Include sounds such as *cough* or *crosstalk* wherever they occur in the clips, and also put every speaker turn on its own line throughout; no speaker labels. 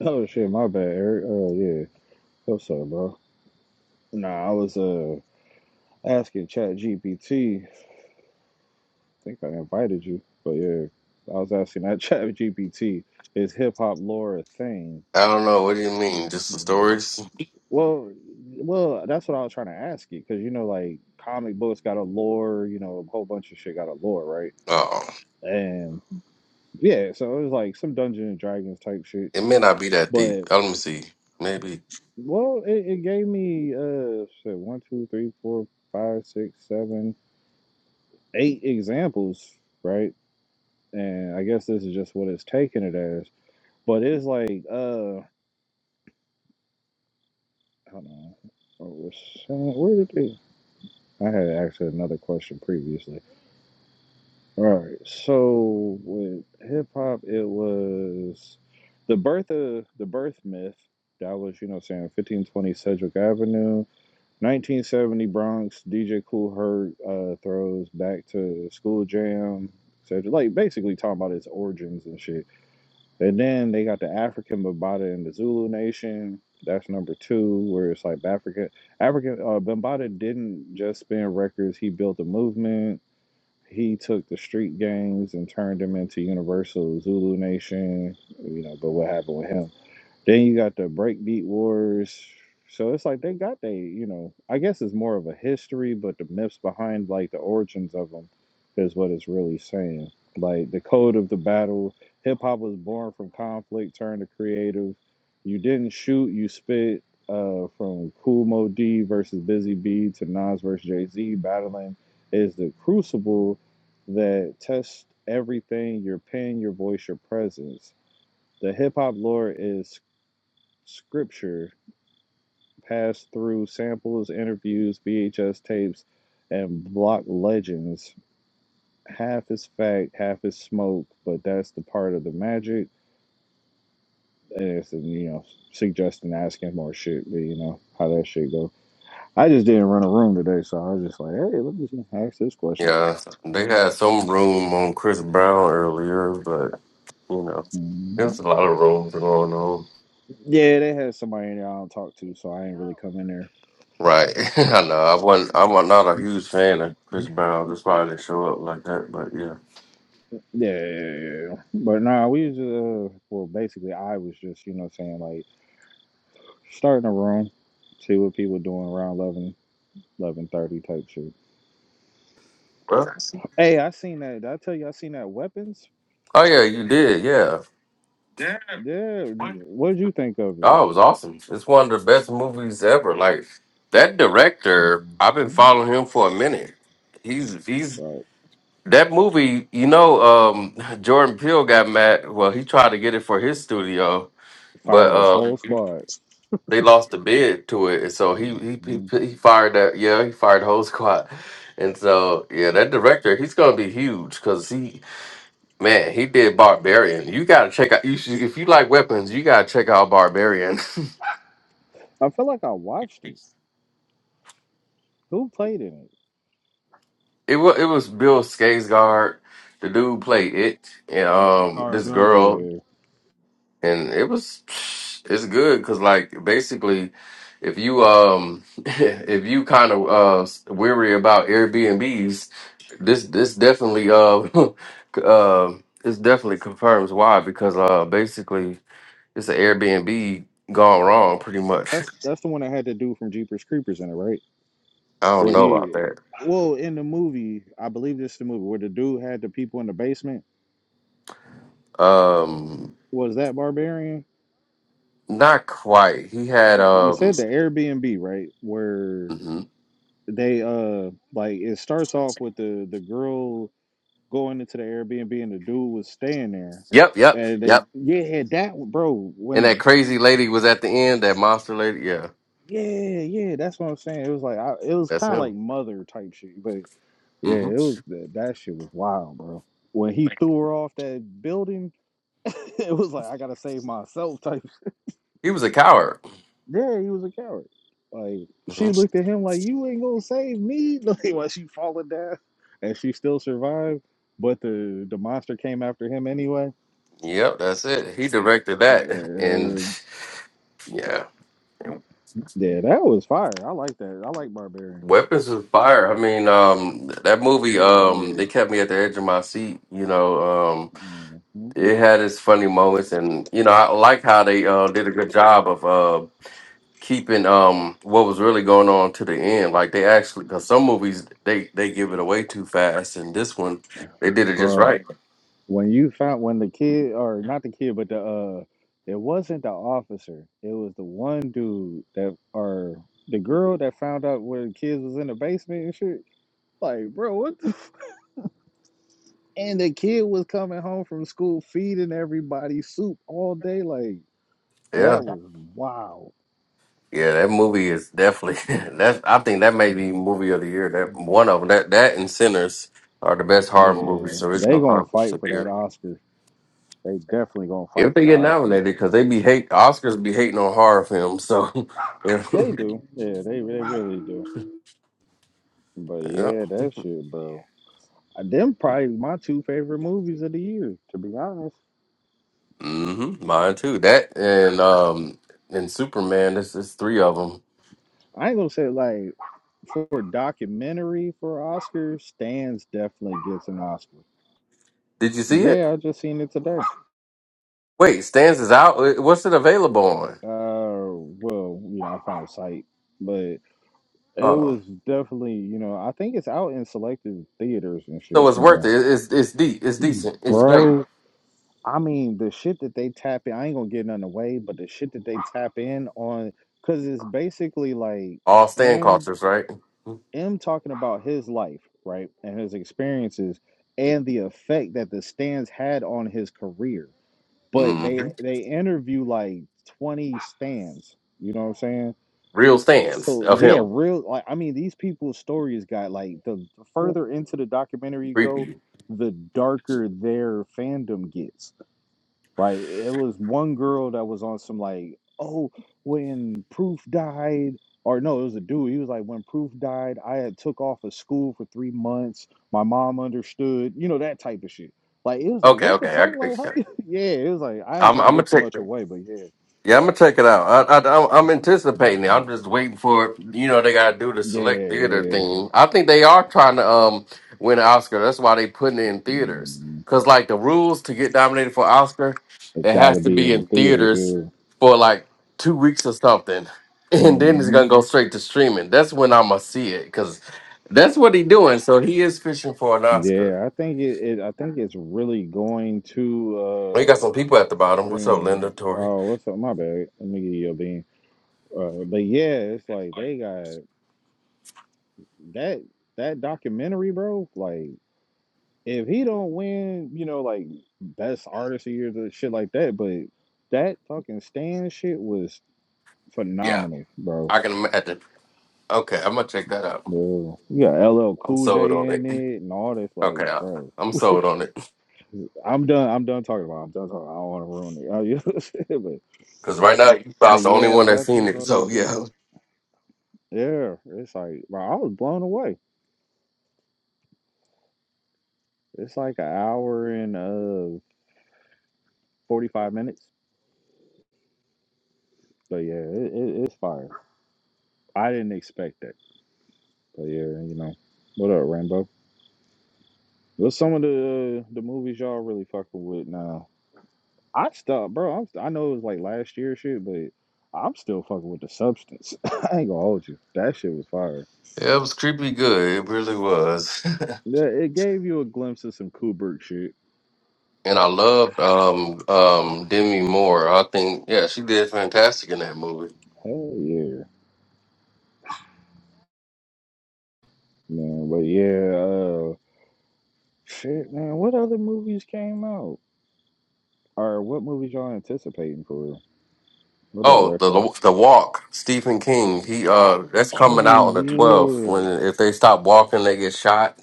Oh shit, my bad, Eric. Oh yeah, what's up, bro? Nah, I was uh asking Chat GPT. I think I invited you, but yeah, I was asking that *laughs* Chat GPT is hip hop lore a thing?
I don't know. What do you mean? Just the stories?
Well, well, that's what I was trying to ask you because you know, like comic books got a lore, you know, a whole bunch of shit got a lore, right?
Oh,
And yeah, so it was like some Dungeons and Dragons type shit,
it may not be that deep.
but
Oh, Let me see. Maybe.
well, it, it gave me uh, shit, one, two, three, four, five, six, seven. eight examples, right? And I guess this is just what it's taking it as. But it's like, uh, hold on. What was- Where did they? I had asked another question previously. All right. So with hip hop, it was the birth of the birth myth. That was, you know, saying 1520 Sedgwick Avenue, 1970 Bronx. DJ Cool Herc uh, throws back to school jam. So like basically talking about its origins and shit And then they got the African Bambata and the Zulu Nation. That's number two, where it's like African African uh, Bambata didn't just spin records. He built a movement. He took the street gangs and turned them into Universal Zulu Nation. You know, but what happened with him? Then you got the breakbeat wars. So it's like they got they, you know, I guess it's more of a history, but the myths behind like the origins of them is what it's really saying. Like the code of the battle, hip hop was born from conflict, turned to creative. You didn't shoot, you spit. Uh, from Cool Mo D versus Busy B to Nas versus Jay Z, battling is the crucible that tests everything: your pen, your voice, your presence the hip hop lore is scripture passed through samples, interviews, VHS tapes, and block legends. Half is fact, half is smoke, but that's the part of the magic. And it's, you know, suggesting asking more shit, but you know, how that shit go. I just didn't run a room today, so I was just like, hey, let me just ask this question.
Yeah, they had some room on Chris Brown earlier, but you know, there's
Mhm.
a lot of rooms going on.
Yeah, they had somebody in there I don't talk to, so I ain't really come in there.
Right. *laughs* I know. I wasn't. I'm not a huge fan of
Yeah,
Chris Brown. That's why I didn't show up like that. But yeah.
yeah, yeah. yeah. yeah. But nah, we was uh, well, basically, I was just, you know, what I'm saying like, Starting a room, see what people doing around eleven, eleven thirty type shit.
Well.
Hey, I seen that. Did I tell you I seen that weapons?
Oh yeah, you did. Yeah.
Yeah. What did you think of it?
Oh, it was awesome. It's one of the best movies ever. Like that director, I've been
Mhm.
following him for a minute. He's he's
Like,
That movie, you know, um, Jordan Peele got mad. Well, he tried to get it for his studio, but
fired his
uh,
whole squad.
they lost the bid to it, and so he he
hmm
he, he fired that. Yeah, he fired the whole *laughs* squad, and so yeah, that director he's gonna be huge because he man he did Barbarian. You gotta check out. You should, if you like weapons, you gotta check out Barbarian. *laughs*
I feel like I watched it. Who played in it?
It was it was Bill Skarsgård, the dude who played it, and
Uh,
um
Scars
this girl
Yeah.
and it was it's good because like basically if you um *laughs* if you kind of uh s- weary about airbnbs this this definitely uh *laughs* uh this definitely confirms why because uh basically it's an airbnb gone wrong pretty much
That's that's the one that had to do from Jeepers Creepers in it, right?
*laughs* i don't
Where
know
he,
about that
well, in the movie, I believe this is the movie where the dude had the people in the basement.
um
Was that Barbarian?
not quite he had
you
um
said the Airbnb, right? Where
mhm.
they uh like it starts off with the the girl going into the Airbnb and the dude was staying there.
yep yep
And they
yep
yeah, that bro,
and that
when
crazy lady was at the end that monster lady yeah
yeah, yeah, that's what I'm saying. It was like I, it was
that's
kind of like
him
mother type shit, but yeah,
Mm-hmm.
it was that, that shit was wild, bro. When he threw her off that building, *laughs* it was like I got to save myself
He was a coward.
Yeah, he was a coward. Like
hmm
she looked at him like, "You ain't gonna save me." *laughs* Like while she falling down, and she still survived. But the the monster came after him anyway.
Yep, that's it. He directed that, *laughs* and
Uh,
yeah,
yeah, that was fire. I like that. I like Barbarian.
Weapons of Fire. I mean, um, that movie,
It
um,
was,
it kept me at the edge of my seat. You know, um,
hmm
it had its funny moments, and you know, I like how they uh, did a good job of uh, keeping um what was really going on to the end. Like they actually, because some movies they they give it away too fast, and this one they did it just
bro.
right.
When you found when the kid or not the kid, but the uh, it wasn't the officer. It was the one dude that or the girl that found out where the kids was in the basement and shit. Like, bro, what? the And the kid was coming home from school feeding everybody soup all day. Like
Yeah.
that was wild.
Yeah, that movie is definitely *laughs* that's I think that may be movie of the year. That one of 'em. that that and Sinners are the best horror
Yeah,
movies,
they
original
gonna
horror movies
fight
of
for
the
that
year.
Oscar. They definitely gonna fight
If
for
they
the
get
Oscar.
nominated, because they be hate Oscars be hating on horror films, so *laughs* yeah,
They do. Yeah, they they really do. But
yeah.
yeah, that shit, bro. Uh, Them probably my two favorite movies of the year. To be honest,
Mm-hmm. Mine too. That and um and Superman. This is three of them.
I ain't gonna say like for documentary for Oscar. Stans definitely gets an Oscar.
Did you see it?
Yeah, I just seen it today.
Wait, Stans is out. Uh, What's it available on?
Uh, well, you know, I found a site, but it
Oh,
was definitely, you know, I think it's out in selected theaters and
so
shit,
it's
you
worth
know.
it. It's it's deep. It's decent. It's great.
Bro, I mean, the shit that they tap in, I ain't gonna get none away, but the shit that they tap in on, because it's basically like
All stand
M,
cultures, right?
M talking about his life, right, and his experiences and the effect that the stands had on his career. But
Mm-hmm.
they they interview like 20 stands, you know what I'm saying?
real stance
So
of
yeah,
him.
real like I mean these people's stories got like the further into the documentary you go,
Creepy.
the darker their fandom gets. Like it was one girl that was on some like, oh, when Proof died, or no, it was a dude. He was like, when Proof died, I had took off of school for three months. My mom understood, you know, that type of shit. Like it was like,
Okay,
what the
okay. I,
fuck? Like how
okay.
you- *laughs* yeah, it was like I ain't
I'm, I'm
trying to
gonna
get too
check.
much away, but yeah.
Yeah, I'm gonna check it out. I, I, I'm I'm anticipating it.
Mhm.
I'm just waiting for it. You know, they gotta do the
Yeah,
select theater
yeah.
thing. I think they are trying to um win an Oscar. That's why they putting it in theaters.
Mm-hmm.
Cause like the rules to get nominated for Oscar,
It's
it
got to
has to
be
be
in the
in
theaters.
theaters
Yeah.
for like two weeks or something, *laughs* and then it's
hmm
gonna go straight to streaming. That's when I'm gonna see it. Cause that's what he doing. So he is fishing for an Oscar.
Yeah, I think it, it. I think it's really going
Well, you got
to uh
some people at the bottom. What's up, Linda,
streaming.
Tori?
Oh, what's up? My bad. Let me give you a bean. Uh, but yeah, it's like they got that that documentary, bro. Like if he don't win, you know, like best artist of the year, the shit like that. But that fucking stand shit was
Yeah,
phenomenal, bro.
I can. imagine. okay, I'm gonna check that out.
Bro, you got LL
I'm
Cool
sold
J
on
in
it.
it and all this, like,
Okay, I,
bro.
I'm sold on it.
I'm done. I'm done talking about. It. I'm done talking. I don't want to ruin it. Oh, yeah, *laughs* shit, but
Cause right now you
the
about the only
yeah
one that seen
weapons,
it.
all that
So yeah,
shit. Yeah, it's like bro, I was blown away. It's like an hour and uh forty five minutes. But yeah, it, it, it's fire. I didn't expect that. But yeah, you know, what up, Rambo? What's some of the uh, the movies y'all really fucking with now? I stopped, bro. I'm, I know it was like last year shit, but I'm still fucking with the substance. *laughs* I ain't gonna hold you. That shit was fire.
yeah, it was creepy good. It really was.
Yeah, it gave you a glimpse of some Kubrick shit.
*laughs* and I loved um um Demi Moore. I think yeah, she did fantastic in that movie.
Hell yeah, man. But yeah, uh, shit, man. What other movies came out? Or what movies y'all anticipating for real? What up,
Oh,
retro?
the the walk, Stephen King. He uh, that's coming out
Oh
on the 12th.
yeah,
When if they stop walking, they get shot.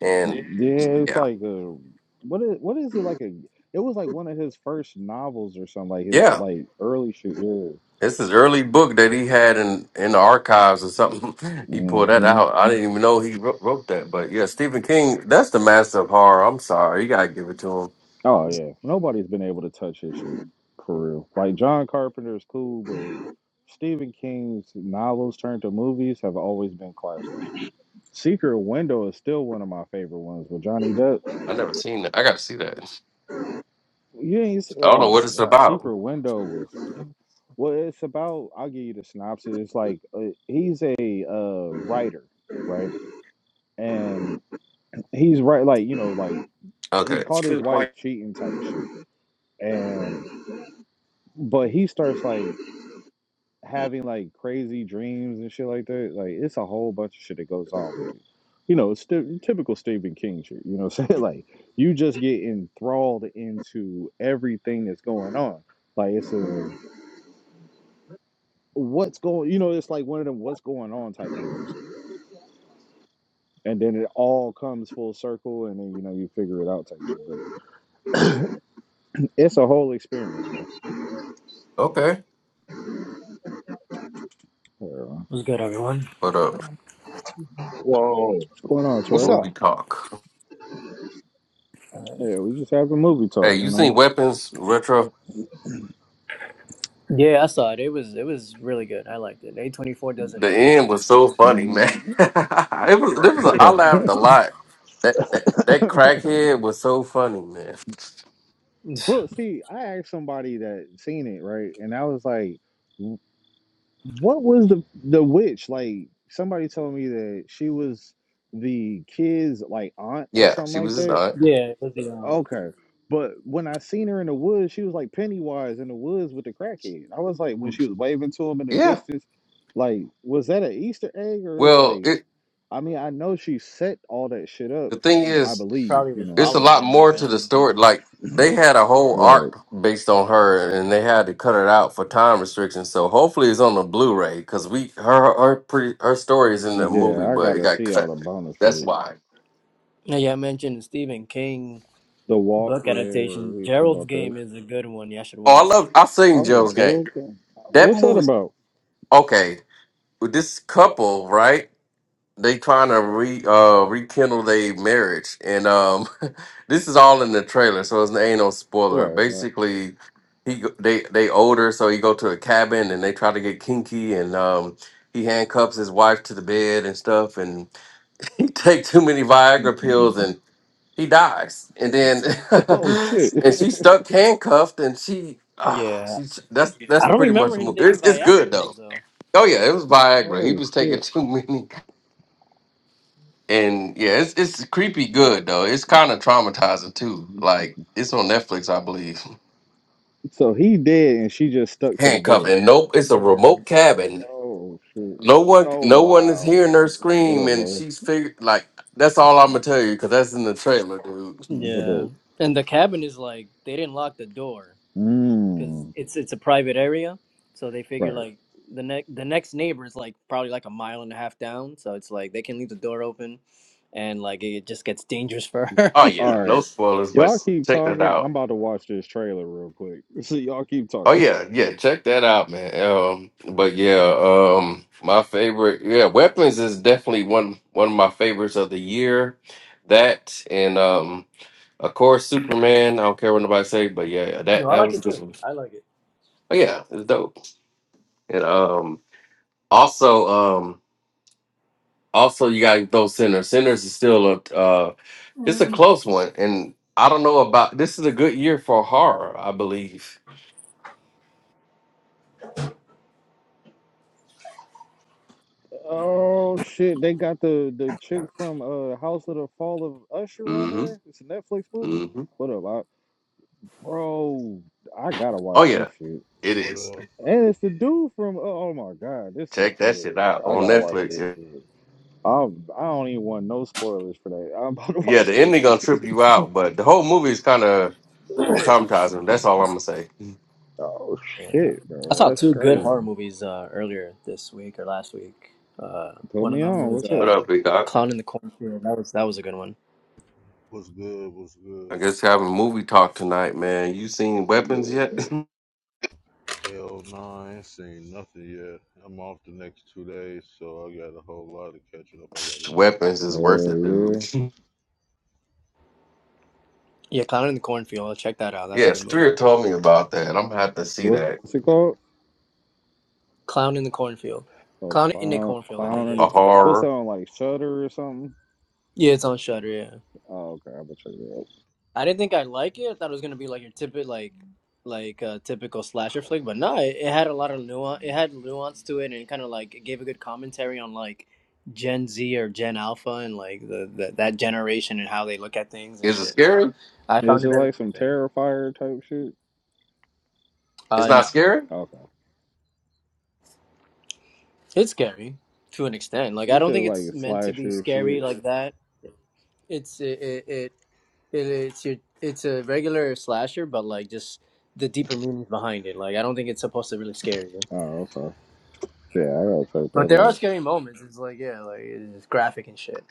And
yeah. It's
yeah,
like a what is what is it like a? It was like one of his first novels or something. Like his
yeah.
like early shit. Yeah.
It's his early book that he had in in the archives or something. *laughs* he pulled that
Mm-hmm.
out. I didn't even know he wrote, wrote that. But yeah, Stephen King, that's the master of horror. I'm sorry, you gotta give it to him.
Oh yeah, nobody's been able to touch his shit for real. Like John Carpenter is cool, but Stephen King's novels turned to movies have always been classics. Secret Window is still one of my favorite ones with Johnny Depp.
I never seen that. I gotta see that.
You ain't see,
I don't know
oh
what
my
it's
god,
about.
Secret Window was well. It's about I'll give you the synopsis. It's like uh, he's a uh, writer, right? And he's right, like you know, like he
Okay,
caught his wife cheating type shit, and but he starts like having like crazy dreams and shit like that. Like it's a whole bunch of shit that goes on with it. You know, it's sti- typical Stephen King shit. You know what I'm saying? *laughs* Like you just get enthralled into everything that's going on. Like it's a what's going you know, it's like one of them what's going on type movies. And then it all comes full circle and then you know you figure it out type shit. But it's a whole experience, bro.
okay.
Yeah, man.
What's good, everyone?
What up?
Whoa.
what's going on,
What's
Tarek?
up?
Movie talk.
Uh,
Yeah, we just having movie talk,
Hey,
you
you seen
know.
Weapons Retro?
Yeah, I saw it. It was it was really good. I liked it. A twenty four doesn't
The
miss.
end was so funny, man.
Mhm.
*laughs* it was. It was. A, I laughed
*laughs*
Yeah,
a lot. That, that that
right. *laughs*
crackhead was so funny, man.
*laughs*
Bro, see, I asked somebody that seen it, right? And I was like, "W- what was the the witch? Like somebody told me that she was the kid's like aunt or
Yeah,
something
she
like
was his
that.
aunt.
yeah. It was beyond.
Okay. But when I seen her in the woods, she was like Pennywise in the woods with the crackhead. I was like, when she was waving to him in the
Yeah.
distance, like, was that an Easter egg or it's
Well,
like
it,
I mean, I know she set all that shit up,
The thing
I
is,
believe,
Probably
you
was
know.
it's a
following
lot
him.
more
Maybe I
to the
don't know.
story. Like they had a whole
Right.
arc based on her, and they had to cut it out for time restrictions. So hopefully, it's on the Blu-ray because we her her pretty her story is in the
Yeah,
movie,
I
but it
gotta
got
see all
cut.
the bonus
That's
shit.
why.
Yeah, yeah. I mentioned the Stephen King
The walk,
book
yeah,
adaptation.
we was talking
Gerald's
about that.
Game is a good one. Y'all should
Oh, I
watch.
love. I've seen
Oh,
Joe's Game.
Gerald, Game.
That
what's that
movie.
about?
Okay, with this couple, right? they trying to re uh rekindle their marriage and um *laughs* this is all in the trailer so it's ain't no spoiler
Right, right.
basically he go- they they older so he go to a cabin and they try to get kinky and um he handcuffs his wife to the bed and stuff and *laughs* he take too many viagra pills
*laughs*
and he dies and then
Oh
*laughs*
shit.
and
*laughs*
she's stuck handcuffed and she ah
Yeah,
she that's
I
that's
don't
pretty much
remember
the
him
movie.
taking
It's, it's
Viagra
good
pills
though.
though.
Oh yeah, it was Viagra. He
Oh
was taking *laughs*
shit.
too many. And yeah, it's it's creepy good though. It's kind of traumatizing too. Like it's on Netflix, I believe.
So he dead, and she just
*laughs*
stuck to the
Handcuffed
bed.
and nope, it's a
Yeah,
remote cabin.
Oh shit.
No one,
Oh
no one is
wow.
hearing her
What
scream,
up,
and
Lois?
she's figured like that's all I'm gonna tell you because that's in the trailer, dude.
What up?
yeah. And the cabin is like they didn't lock the door. because
Mmm.
it's it's a private area, so they figure
Right.
like the next the next neighbor is like probably like a mile and a half down, so it's like they can leave the door open, and like it just gets dangerous for her.
Oh
All
*laughs*
yeah, no
right.
spoilers, but
Y'all keep
check that
talking. I'm
out.
about to watch this trailer real quick. *laughs* So y'all keep talking.
Oh yeah, yeah, check that out, man. Um, but yeah, um, my favorite, yeah, weapons is definitely one one of my favorites of the year. That and um Of course, Superman. I don't care what nobody say, but yeah, that
no, I
that
like
was a
it
good
too.
one.
I like it.
But yeah, it's dope. And um, also um, also you got those sinners. Sinners is still a uh, it's a
Mm.
close one, and I don't know about this is a good year for horror, I believe.
Oh shit, they got the the chick from uh House of the Fall of Usher on
hmm
there. It's a Netflix movie.
hmm
What up, I, bro? I gotta watch
Oh
this
yeah,
shit.
it
What
is.
up?
And it's the dude from uh, oh my god, this is
Check that
yeah.
shit out
I
on
gotta watch
Netflix.
this
Yeah,
shit. I'm, I i do not even want no spoilers for that. I'm *laughs* about to
Yeah,
watch
the
that
ending gonna
shit.
trip you out, but the whole movie is kind of
*laughs*
traumatizing. That's all I'm gonna say.
oh
Yeah.
shit,
I
bro,
saw
that's
two good
crazy.
horror movies uh, earlier this week or last week. Uh,
Put
one of
me
them
on.
was
What's up?
What
uh,
up, big dog?
Clown in the Cornfield. That was that was a good one.
What's good? What's
I
good?
guess having movie talk tonight, man. You seen Weapons
Yeah,
yet?
Hell nah, I ain't seen nothing yet. I'm off the next two days, so I got a whole lot of catching up I gotta
*laughs*
do.
Weapons is worth it,
yeah.
dude.
Yeah, Clown in the Cornfield. I'll check that out.
*laughs*
That's a
yeah,
good movie.
Spirit told me about that. I'm gonna have to see that.
What's it called?
Clown in the Cornfield.
Oh,
Clown in the
clown,
Cornfield. I
A
think
clown in
a
it
the.
is.
What's that
horror.
on like Shutter or something?
Yeah, it's on Shutter. Yeah.
Oh, okay. I'm gonna check it out.
I didn't think I like it. I thought it was gonna be like your typical like like uh, typical slasher flick, but no, it, it had a lot of nuance. It had nuance to it, and it kind of like it gave a good commentary on like Gen Z or Gen Alpha and like the, the that generation and how they look at things and
Is it
shit. So
scary?
I found
Is it
it very
like some
interesting.
Terrifier type shit?
It's
Uh,
not
no,
scary?
Okay.
it's scary to an extent. Like I
You
don't
said
think it's
like
meant to be
slasher
scary
shit.
like that. It's it it, it it, it's your it's a regular slasher, but like just the deeper meanings behind it. Like I don't think it's supposed to really scare you.
Oh, okay. Yeah, I gotta check
But
that
there are
out.
scary moments. It's like yeah, like it's graphic and shit.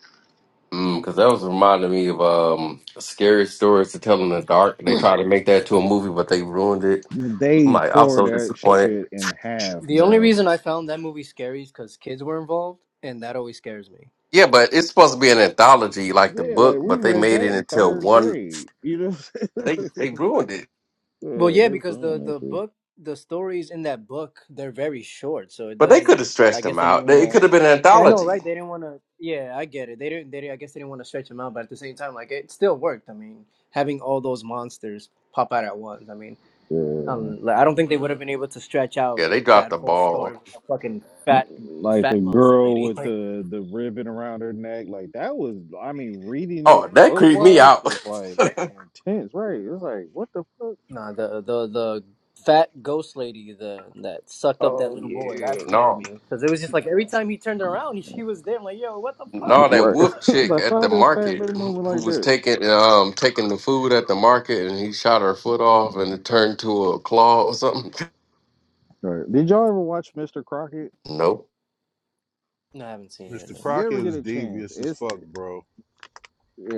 Mm, cause that was reminding me of um scary stories to tell in the dark. They tried to make that to a movie, but they ruined it. I'm
They
like, I'm
tore
so
that
disappointed.
shit in half,
The only
bro.
reason I found that movie scary is because kids were involved, and that always scares me.
Yeah, but it's supposed to be an anthology like the
Yeah, like
book,
we
but they
read
made
that
it
in
until
third
one.
grade. You know, what I'm
They
saying? *laughs*
they ruined it.
yeah,
Well, yeah,
they
because the
ruined that
the
shit.
book, the stories in that book, they're very short, so it
But they could
doesn't.
have
I
stretched
guess
them
they didn't
out.
want
They- It
to.
could have been an
I know, right?
anthology.
They didn't want to. Yeah, I get it. They didn't. They didn't, I guess they didn't want to stretch them out, but at the same time, like it still worked. I mean, having all those monsters pop out at once. I mean,
Yeah,
um, like, I don't think they would have been able to stretch out
Yeah, they dropped
that
the
whole story with
ball.
a fucking fat
like the
fat monster
girl
lady. *laughs*
with the the ribbon around her neck, like that was. I mean, reading it
Oh, that
book
creeped me
wise
out.
was
*laughs*
like intense, right? It was like, what the fuck?
Nah, the the the fat ghost lady the that sucked up that
Oh
little boy
yeah.
that scared
No,
me because it was just like every time he turned around *laughs* she was there. I'm like, yo, what the fuck?
no, that
Right.
wolf
*laughs*
chick
like,
at
how
the
does Fat
market
Man moving
who
like
was
that?
taking um taking the food at the market and he shot her foot off and it turned to a claw or something.
Right. Did y'all ever watch Mr. Crockett?
Nope.
No, I haven't seen it.
Mr.
No.
You ever
Crockett
get
was
a chance?
devious as
It's
fuck, bro.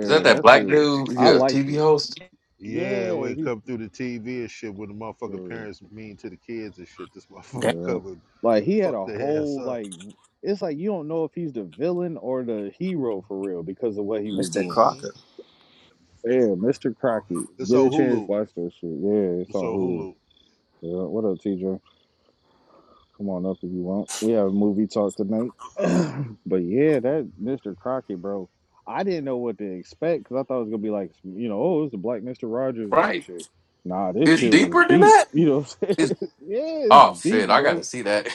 Is that that
that's
black
a.
dude?
I
He a
liked
TV
it.
host?
Yeah,
Yeah,
when he
he's
come through the TV and shit when the motherfucking
uh,
parents mean to the kids and shit. This *laughs*
Damn,
motherfucker
yeah.
covered
Like he had
fuck
a
their ass
whole
up.
like. It's like you don't know if he's the villain or the hero for real because of what he was
Mr.
doing.
Mm-hmm.
Crocker.
Yeah, Mr. Crockett.
This
Get a
old
chance,
Hulu.
watch that shit. Yeah, it's
This
on
old
Hulu.
Hulu.
Yeah, what up, TJ? Come on up if you want. We have movie talk tonight. *clears throat* but yeah, that Mr. Crockett, bro. I didn't know what to expect because I thought it was gonna be like, you know, oh, it's the Black Mister Rogers or some
right?
shit. Nah, this
It's
shit was
deeper than
deep.
that.
*laughs* You know what I'm saying? *laughs*
It's
Yeah, it's
oh shit!
deep,
I gotta
bro.
see that.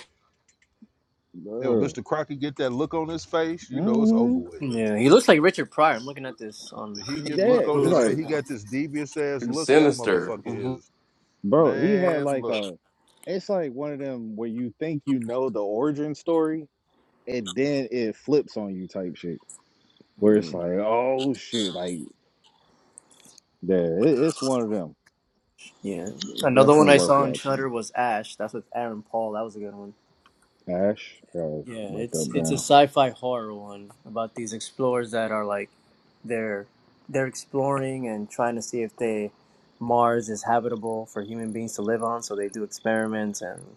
Yeah, when Mr. Crockett get that look on his face, you know it's
Mm-hmm.
over with.
Yeah, he looks like Richard Pryor. I'm looking at this on,
When he get
Yeah,
on
look on
it's
Google
his
right
face,
like,
he
now.
got this devious ass
It's
look. That
sinister.
motherfucker
Mhm.
is
bro, he had
Man,
like
look.
a. It's like one of them where you think you know the origin story, and then it flips on you type shit. Where it's
Mm,
like, oh shit, like, yeah, it, it's one of them.
yeah,
It's
another one
definitely
I
worth
saw on
watching.
Shutter was Ash. That's with Aaron Paul. That was a good one.
Ash, I gotta
Yeah,
write
it's
that
it's a
down.
sci-fi horror one about these explorers that are like they're they're exploring and trying to see if they Mars is habitable for human beings to live on, so they do experiments and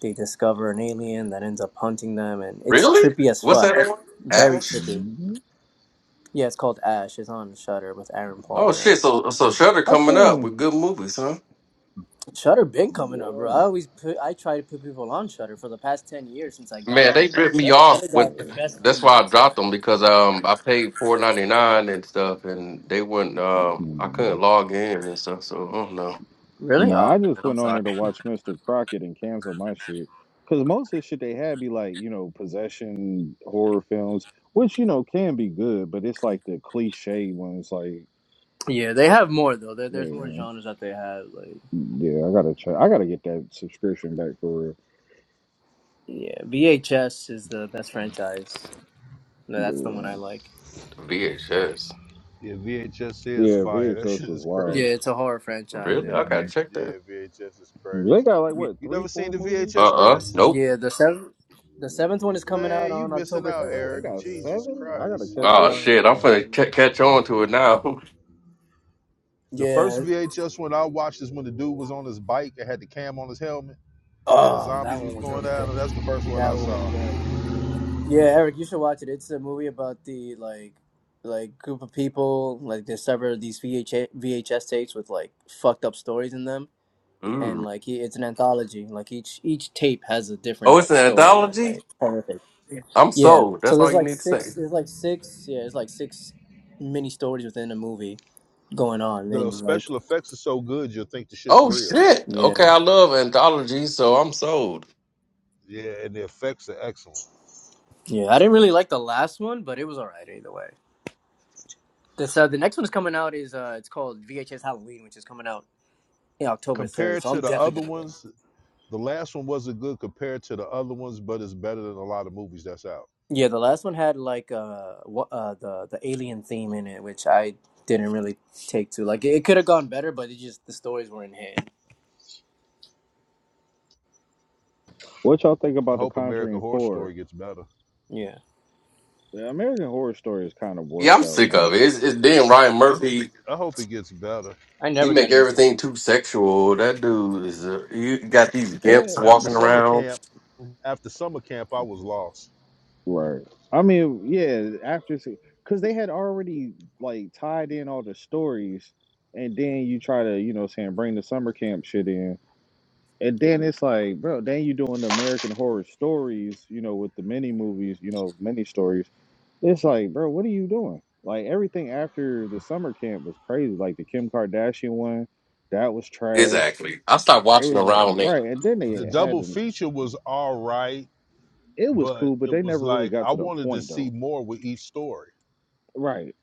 they discover an alien that ends up hunting them and it's
Really?
trippy as
What's
fuck.
that? one?
Very
Ash.
trippy.
Mhm.
Yeah, it's called Ash. It's on Shutter with Aaron
Oh
Paul, yeah.
shit! So so Shutter
I
coming up
seen.
with good movies, huh?
Shutter been coming up, bro. I
Well,
always put I try to put people on Shutter for the past 10 years since I got
Man,
on
they
it, bro.
ripped me
Shutter
off.
Shutter
When,
got the
hmm.
best horror
that's why I
movies.
dropped them because um I paid four ninety nine and stuff, and they wouldn't. Um, I couldn't log in and stuff. So I don't know.
Really?
Nah,
Oh,
I just
man, I'm
went on
sorry.
there to watch Mr. Crockett and cancel my shit. Cause most of the shit they had be like, you know, possession horror films, which you know can be good, but it's like the cliche ones. Like,
Yeah, they have more though. There, there's more
yeah,
genres that they have. Like,
yeah, I gotta check. I gotta get that subscription back for
yeah, VHS is the best franchise. No, that's the one I
real.
like.
VHS,
Yeah, VHS
Yeah,
is
yeah,
fire. That
VHS
shit
was
is
Yeah,
wild.
crazy.
it's a horror franchise.
really? I
Yeah,
hmm
gotta check that.
Yeah, VHS is
They
crazy.
got like
yeah.
what
You
three,
never seen
four
the
movies?
VHS
Uh uh
movies?
Nope.
yeah the seventh, the seventh
hmm
one is coming out
Man, you
on
missing
October
out,
third.
Oh, they
Eric.
got
Jesus
seven? I gotta
Christ.
Oh
catch
Oh
up.
hell yeah,
shit, I'm
bro.
gonna catch on to it now.
The first
Yeah.
VHS one I watched is when the dude was on his bike and had the cam on his helmet and the
Oh, that
zombies
one
was
was
going
really
at
good.
him. That's the first one
That
I
one was
saw.
good. Yeah, Eric, you should watch it. It's a movie about the like, like group of people like they sever these VH- VHS tapes with like fucked up stories in them
*laughs*
and
Ooh.
like he, it's an anthology. Like each each tape has a different
Oh, it's
like
an
story. Like
anthology.
horrific.
I'm
Yeah.
sold.
So
That's all
there's
you
like
need to say.
six. There's like six. Yeah. There's like six mini stories within a movie going on.
The
And like
special effects are so good you'll think the shit's
Oh
real.
shit.
yeah,
Okay, I love anthologies, so I'm sold.
Yeah, and the effects are excellent.
yeah. I didn't really like the last one, but it was alright either way. This uh, the next one's coming out is uh, it's called VHS Halloween, which is coming out in October third.
Compared
So
to
I'm
the
definitely
other
gonna go.
ones, the last one wasn't good compared to the other ones, but it's better than a lot of movies that's out.
Yeah, the last one had like uh, wha- uh the the alien theme in it, which I didn't really take to. Like it could have gone better, but it just the stories were in hand.
What y'all think
I
about The
hope American
Conjuring
Horror
4?
Story gets better.
Yeah,
The American Horror Story is kind of
Yeah,
warped
I'm
out
sick
now.
of it. It's, it's then Ryan Murphy.
I hope it gets better.
I
He
never got
make
into it.
everything too sexual. That dude is. A, you got these
Yeah.
gimps
After
walking
summer
around.
camp, after summer camp, I was lost.
Right. I mean, yeah, after, because they had already, like, tied in all the stories, and then you try to, you know, what I'm saying, bring the summer camp shit in. And then it's like, bro, then you doing the American Horror Stories, you know, with the mini movies, you know, mini stories. It's like, bro, what are you doing? Like everything after the summer camp was crazy. Like the Kim Kardashian one, that was trash.
Exactly. I stopped
It
watching
was like
around that.
right, and then
The
they had
double
an,
feature was all right,
it was
but
cool, but
it
they
was
never really
like
got
I
to the
wanted to
point
see
though.
more with each story.
Right.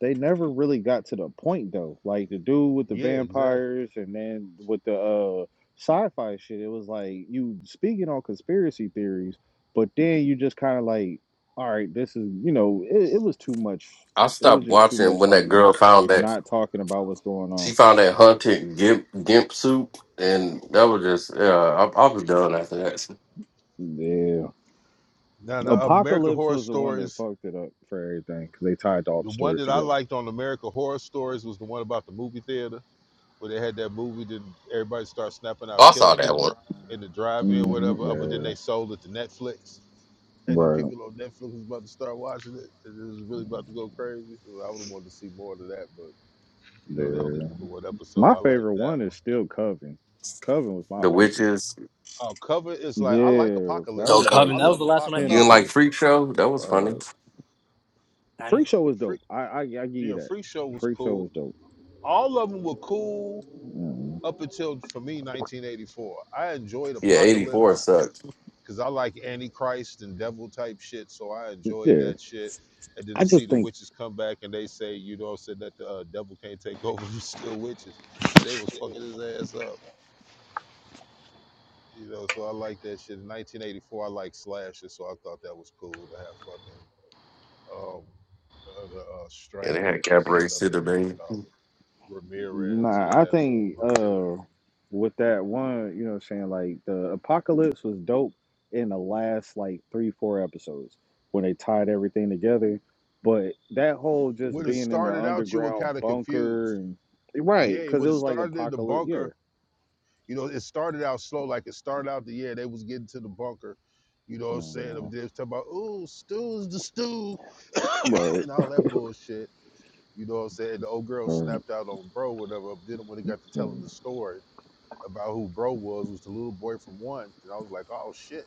They never really got to the point though. Like the dude with the
Yeah, exactly.
vampires and then with the uh sci-fi shit, it was like you speaking on conspiracy theories, but then you just kind of like, all right, this is, you know, it, it was too much.
I
It was
stopped
just too
watching
much
when
like
that girl found that
not talking about what's going
she
on.
found that hunted gimp gimp suit, and that was just. Yeah, I, I was done after that.
Yeah,
Now, the, of American
Apocalypse
Horror
was the one that
Stories,
fucked it up for everything because they tied all the
the one
stories
that I
together.
liked on American Horror Stories was the one about the movie theater. where they had that movie that everybody started snapping out
I
killing
saw that one.
people in the drive-in,
hmm
whatever. uh, But then
Yeah,
they sold it to Netflix, and then
right.
people on Netflix was about to start watching it, and it was really about to go crazy. So I would have wanted to see more of that, but you know they only
Yeah,
did the one episode.
my
I like
favorite
that
one is
one.
still Coven. Coven was my
The
favorite.
witches.
Uh, cover is like I like
Yeah, that
Apocalypse
was
Okay.
though.
Um,
like
I
and that
the
was
love
the last one I
You didn't
saw.
Apocalypse.
like
pinnacle.
Freak Show? That was
Uh,
funny.
I didn't.
Freak Show was
Free,
dope. I I, I give you
yeah,
that.
Free Show was
Freak Show
cool.
was dope.
All of them were cool
Mhm.
up until for me 1984. I enjoyed
Yeah, eighty four
Apocalypse
sucked.
because I like Antichrist and devil type shit, so I enjoyed
Yeah,
that shit. And then
I
to see
just
the
think
witches come back and they say, you know, said that the uh, devil can't take over, *laughs* we're still witches, and they was fucking his ass up, you know. So I like that shit. In 1984, I like slasher, so I thought that was cool to have fucking um, uh, the uh,
Yeah, they
Strangler,
had Gabrielle
whatever, what you
Citadine.
call it, Ramirez. So
Nah,
they
I
had a uh,
think
Ramirez.
uh with that one, you know what I'm saying, like the apocalypse was dope in the last like three, four episodes when they tied everything together. But that whole just
When it
being in the
started out, you were
underground
kind of
bunker
confused.
and right,
Yeah, it
because it
would have
was like
started in the
apocalypse, yeah.
bunker You know, it started out slow. Like it started out the year they was getting to the bunker. You know what I'm saying?
Mm,
They was talking about, ooh, Stu's the stew *laughs*
Right.
and all that bullshit. You know what I'm saying? The old girl
Right.
snapped out on bro, whatever. Then when it got to telling the
mm,
story about who bro was, was the little boy from one. And I was like, oh shit,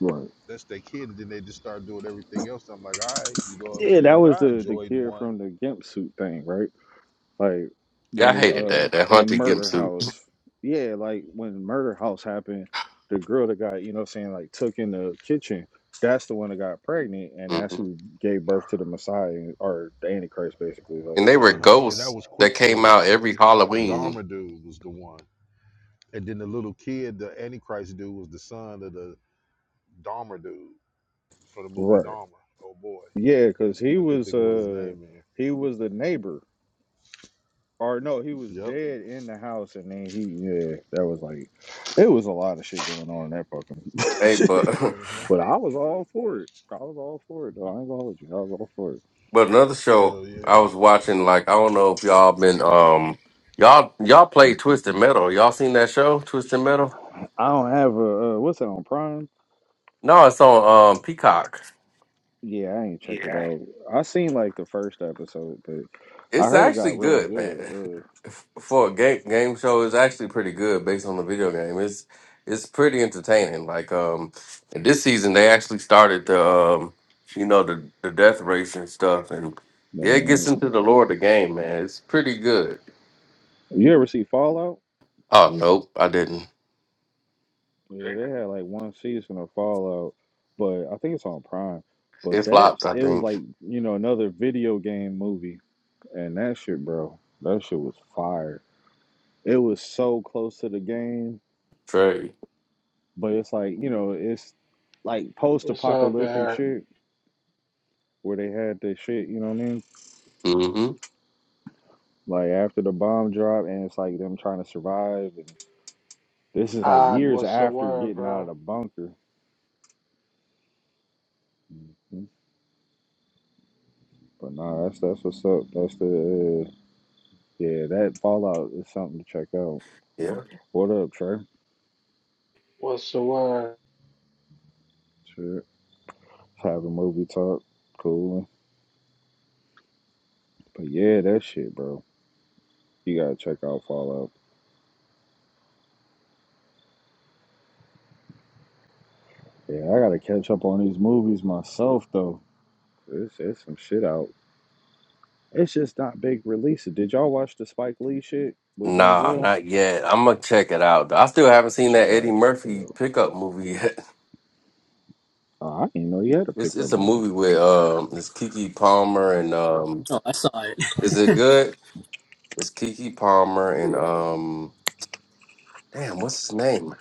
right.
that's their kid. And then they just started doing everything else. I'm like, all right, you know what I'm
Yeah,
saying?
that was
But I
the the
enjoyed
kid
one.
from the GIMP suit thing, right? Like
Yeah, I
when
hated
uh
that. That
in
hunted gimp
Murder
suit.
House, yeah, like when Murder House happened, the girl that got you know what I'm saying like took in the kitchen, that's the one that got pregnant, and that's
hmm
who gave birth to the Messiah or the Antichrist, basically.
And
Like
they were
Uh huh. And that
ghosts
was
that came
Quicksilver.
out every
The
Halloween.
Dharma dude was the one. And then the little kid, the Antichrist dude, was the son of the Dahmer dude from the movie
right,
Dahmer. Oh boy,
yeah, because he
I can't
was
think of what his
uh
name is.
he was the neighbor, or no, he was
Yep.
dead in the house, and then he yeah, that was like it was a lot of shit going on in that
Hey,
fucking.
but *laughs*
Uh
*laughs*
huh.
but I was all for it. I was all for it though. I ain't gonna hold you. I was all for it.
but another show
Hell
I
yeah.
was watching, like I don't know if y'all been um y'all y'all play
Mm-hmm.
Twisted Metal. Y'all seen that show, Twisted Metal?
I don't have a uh, what's that on Prime?
No, it's on um Peacock.
Yeah, I ain't checked it out. I seen like the first episode, but I
It's
heard it got
actually
really
good,
good.
man. *laughs*
Uh,
For a game game show, it's actually pretty good based on the video game. It's it's pretty entertaining. Like um and this season they actually started the um you know the the death race and stuff and
but,
yeah, it gets
um,
into the lore of the game, man. It's pretty good.
you ever see Fallout?
Oh nope, I didn't.
Yeah, they had like one season of Fallout, but I think it's on Prime. But
It
that's
flopped, I
it was
think.
like you know another video game movie, and that shit, bro, that shit was fire. It was so close to the game,
Trey.
but it's like you know it's like post
What's up,
apocalyptic
Bear?
shit where they had the shit, you know what I mean?
Mm-hmm.
Like after the bomb drop, and it's like them trying to survive. And this is like
Ah,
years
what's the
after
word,
getting out of
bro?
the bunker. Mhm. But nah, that's that's what's up. That's the uh, yeah. That Fallout is something to check out.
Yeah.
What up, Trey?
What's the word?
Sure. Have a movie talk. Cool. But yeah, that shit, bro. You gotta check out Fallout. Yeah, I gotta catch up on these movies myself though. It's it's some shit out. It's just not big releases. Did y'all watch the Spike Lee shit with
Nah,
Denzel?
not yet. I'm gonna check it out. though. I still haven't seen
I
that Eddie
gotta check that out.
Murphy pickup movie yet. *laughs*
Oh, I didn't know he had a
It's it's
pickup
a
movie.
movie with um it's Kiki Palmer and um
Oh, I saw
is it
it.
good? It's Kiki Palmer and
*laughs*
um damn what's his name?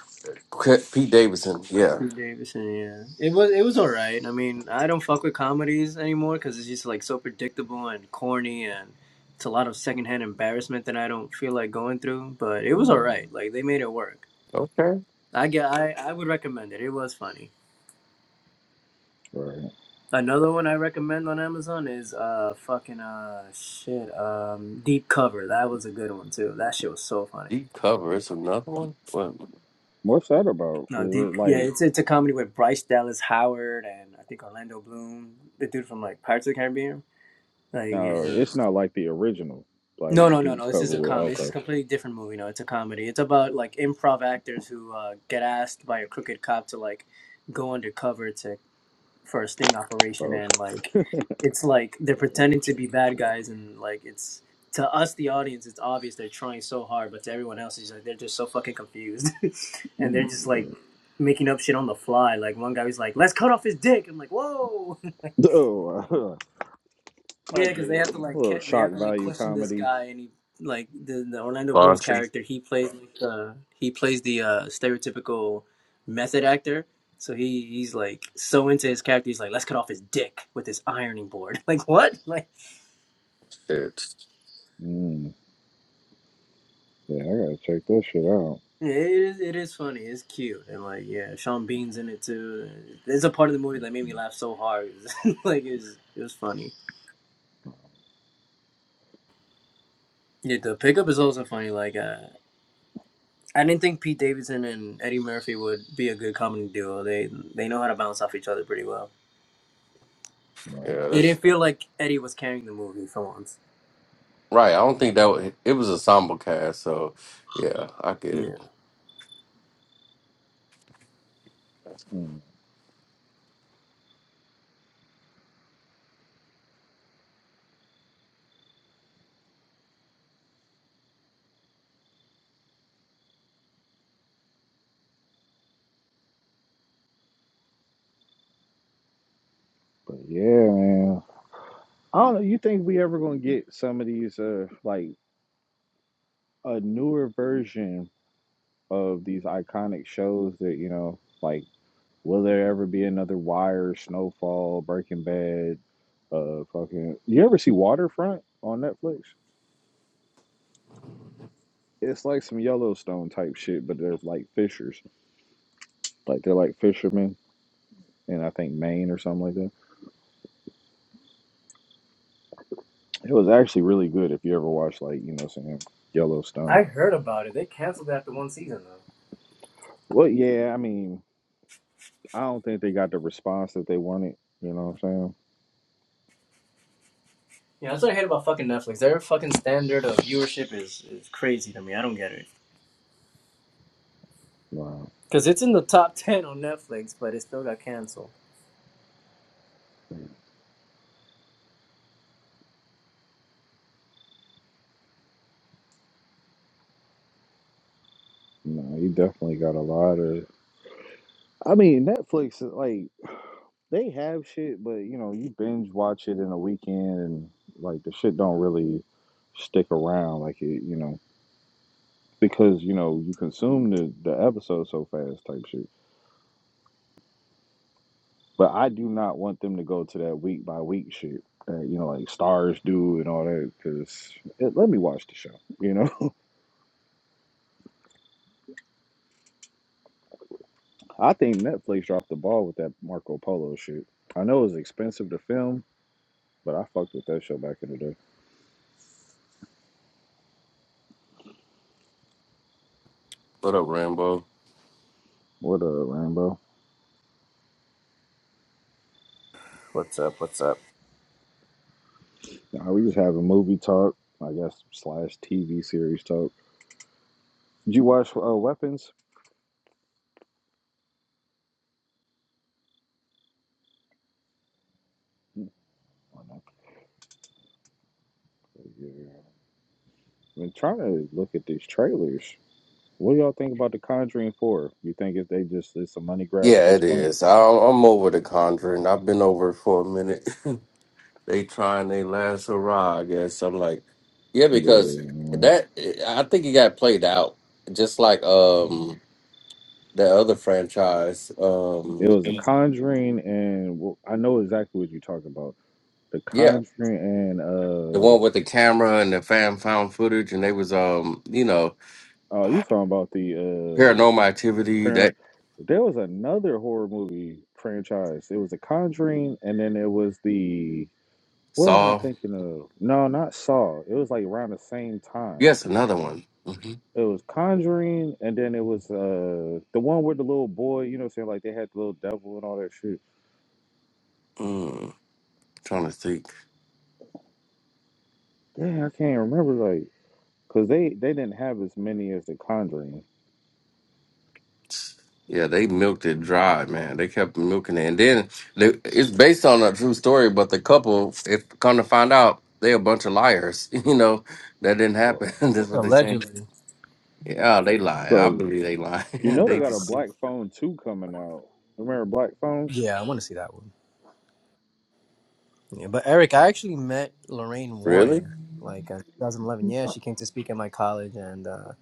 K- Pete Davidson. Yeah.
Drew Davison, yeah, it was it was alright. I mean, I don't fuck with comedies anymore because it's just like so predictable and corny, and it's a lot of secondhand embarrassment that I don't feel like going through. But it was
Mm,
alright. Like they made it work.
Okay.
I get, I I would recommend it. It was funny.
right.
Another one I recommend on Amazon is uh fucking uh shit um Deep Cover. That was a good one too. That shit was so funny.
Deep cover. It's another one. What?
What's that about?
No,
Is
Deep
it
yeah,
like
it's it's a comedy with Bryce Dallas Howard and I think Orlando Bloom, the dude from like Pirates of the Caribbean. Like
no?
yeah.
It's not like the original, like
No, no, no,
deep
no. This
cover
is a
with
comedy. This is
okay,
a completely different movie. No, it's a comedy. It's about like improv actors who uh, get asked by a crooked cop to like go undercover to for a sting operation
okay.
and like it's like they're pretending to
okay,
be bad
sure.
guys and like it's to us the audience it's obvious they're trying so hard but to everyone else it's like they're just so fucking confused *laughs* and they're
Mm,
just like
right.
making up shit on the fly like one guy was like let's cut off his dick i'm like whoa *laughs*
Oh, *laughs* I
Yeah, because
get
they
it.
have to
A
like
little
ca- they
shock
have to like
value
question this
comedy.
guy, and he like the the Orlando Bloom's
Bontry.
character. He plays like the he plays the uh, stereotypical method actor. So he he's like so into his character. He's like, let's cut off his dick with this ironing board. *laughs* Like what? Like
It's
Mm, yeah, I gotta check this shit out.
yeah, it is it is funny. It's cute, and like yeah, Sean Bean's in it too. There's a part of the movie that made me laugh so hard. *laughs* like it was it was funny. Yeah, the pickup is also funny. Like, uh, I didn't think Pete Davidson and Eddie Murphy would be a good comedy duo. They they know how to bounce off each other pretty well.
Wow.
yeah.
It
That's
didn't feel like Eddie was carrying the movie for once.
right. I don't think that was, it was a ensemble cast. So yeah, I get
Yeah.
it.
Mm. But yeah, man. I don't know. You think we ever gonna get some of these, uh, like a newer version of these iconic shows that you know, like Will there ever be another Wire, Snowfall, Breaking Bad? Uh, fucking. You ever see Waterfront on Netflix? It's like some Yellowstone type shit, but they're like fishers. Like they're like fishermen in I think Maine or something like that. It was actually really good if you ever watched like you know saying Yellowstone.
I heard about it. They canceled after one season though.
Well, yeah, I mean, I don't think they got the response that they wanted. You know what I'm saying?
Yeah, that's what I hate about fucking Netflix. Their fucking standard of viewership is, is crazy to me. I don't get it.
Wow.
Cause it's in the top ten on Netflix, but it still got canceled.
No, you definitely got a lot of. I mean, Netflix is like. They have shit, but you know, you binge watch it in a weekend, and like the shit don't really stick around, like it, you know, because you know you consume the the episode so fast, type shit. But I do not want them to go to that week by week shit that you know like stars do and all that. Because let me watch the show, you know. *laughs* I think Netflix dropped the ball with that Marco Polo shit. I know it was expensive to film, but I fucked with that show back in the day.
What up, Rambo?
What up, Rambo?
What's up? What's up?
Nah, we just having movie talk, I guess, slash TV series talk. Did you watch uh, Weapons? Oh, no. Yeah. I've been trying to look at these trailers. What do y'all think about The Conjuring 4? You think if they just it's a money grab at
Yeah,
this
it
point?
is. I, I'm over the Conjuring. I've been over it for a minute. *laughs* they trying their last hurrah, I guess. I'm like, yeah, because
Yeah.
that I think it got played out, just like um the other franchise.
It
Um,
was a Conjuring and well, I know exactly what you're talking about. The
yeah,
Conjuring and
the
uh
one with the camera and the fan found footage, and they was um you know
oh, you talking about the uh
paranormal activity
Parano
that
There was another horror movie franchise. It was The Conjuring and then it was the What am I
saw.
thinking of? No, not Saw. It was like around the same time.
Yes, another one. hmm
It was Conjuring, and then it was uh the one with the little boy. You know, what I'm saying like they had the little devil and all that shit.
Mm, trying to think.
Dang, I can't remember like because they they didn't have as many as the Conjuring.
Yeah, they milked it dry, man. They kept milking it, and then the it's based on a true story. But the couple, if come to find out, they a bunch of liars. *laughs* You know that didn't happen. *laughs* That's what they saying.
Allegedly.
Yeah, they lie. I
Bro,
believe they lie.
you
*laughs*
know
I
they
they
got
don't
a
know.
just
Black Phone two coming out. Remember Black Phone?
Yeah, I want to see that one. Yeah, but Eric, I actually met Lorraine
really.
Warren like in 2011. Yeah, she came to speak at my college, and uh,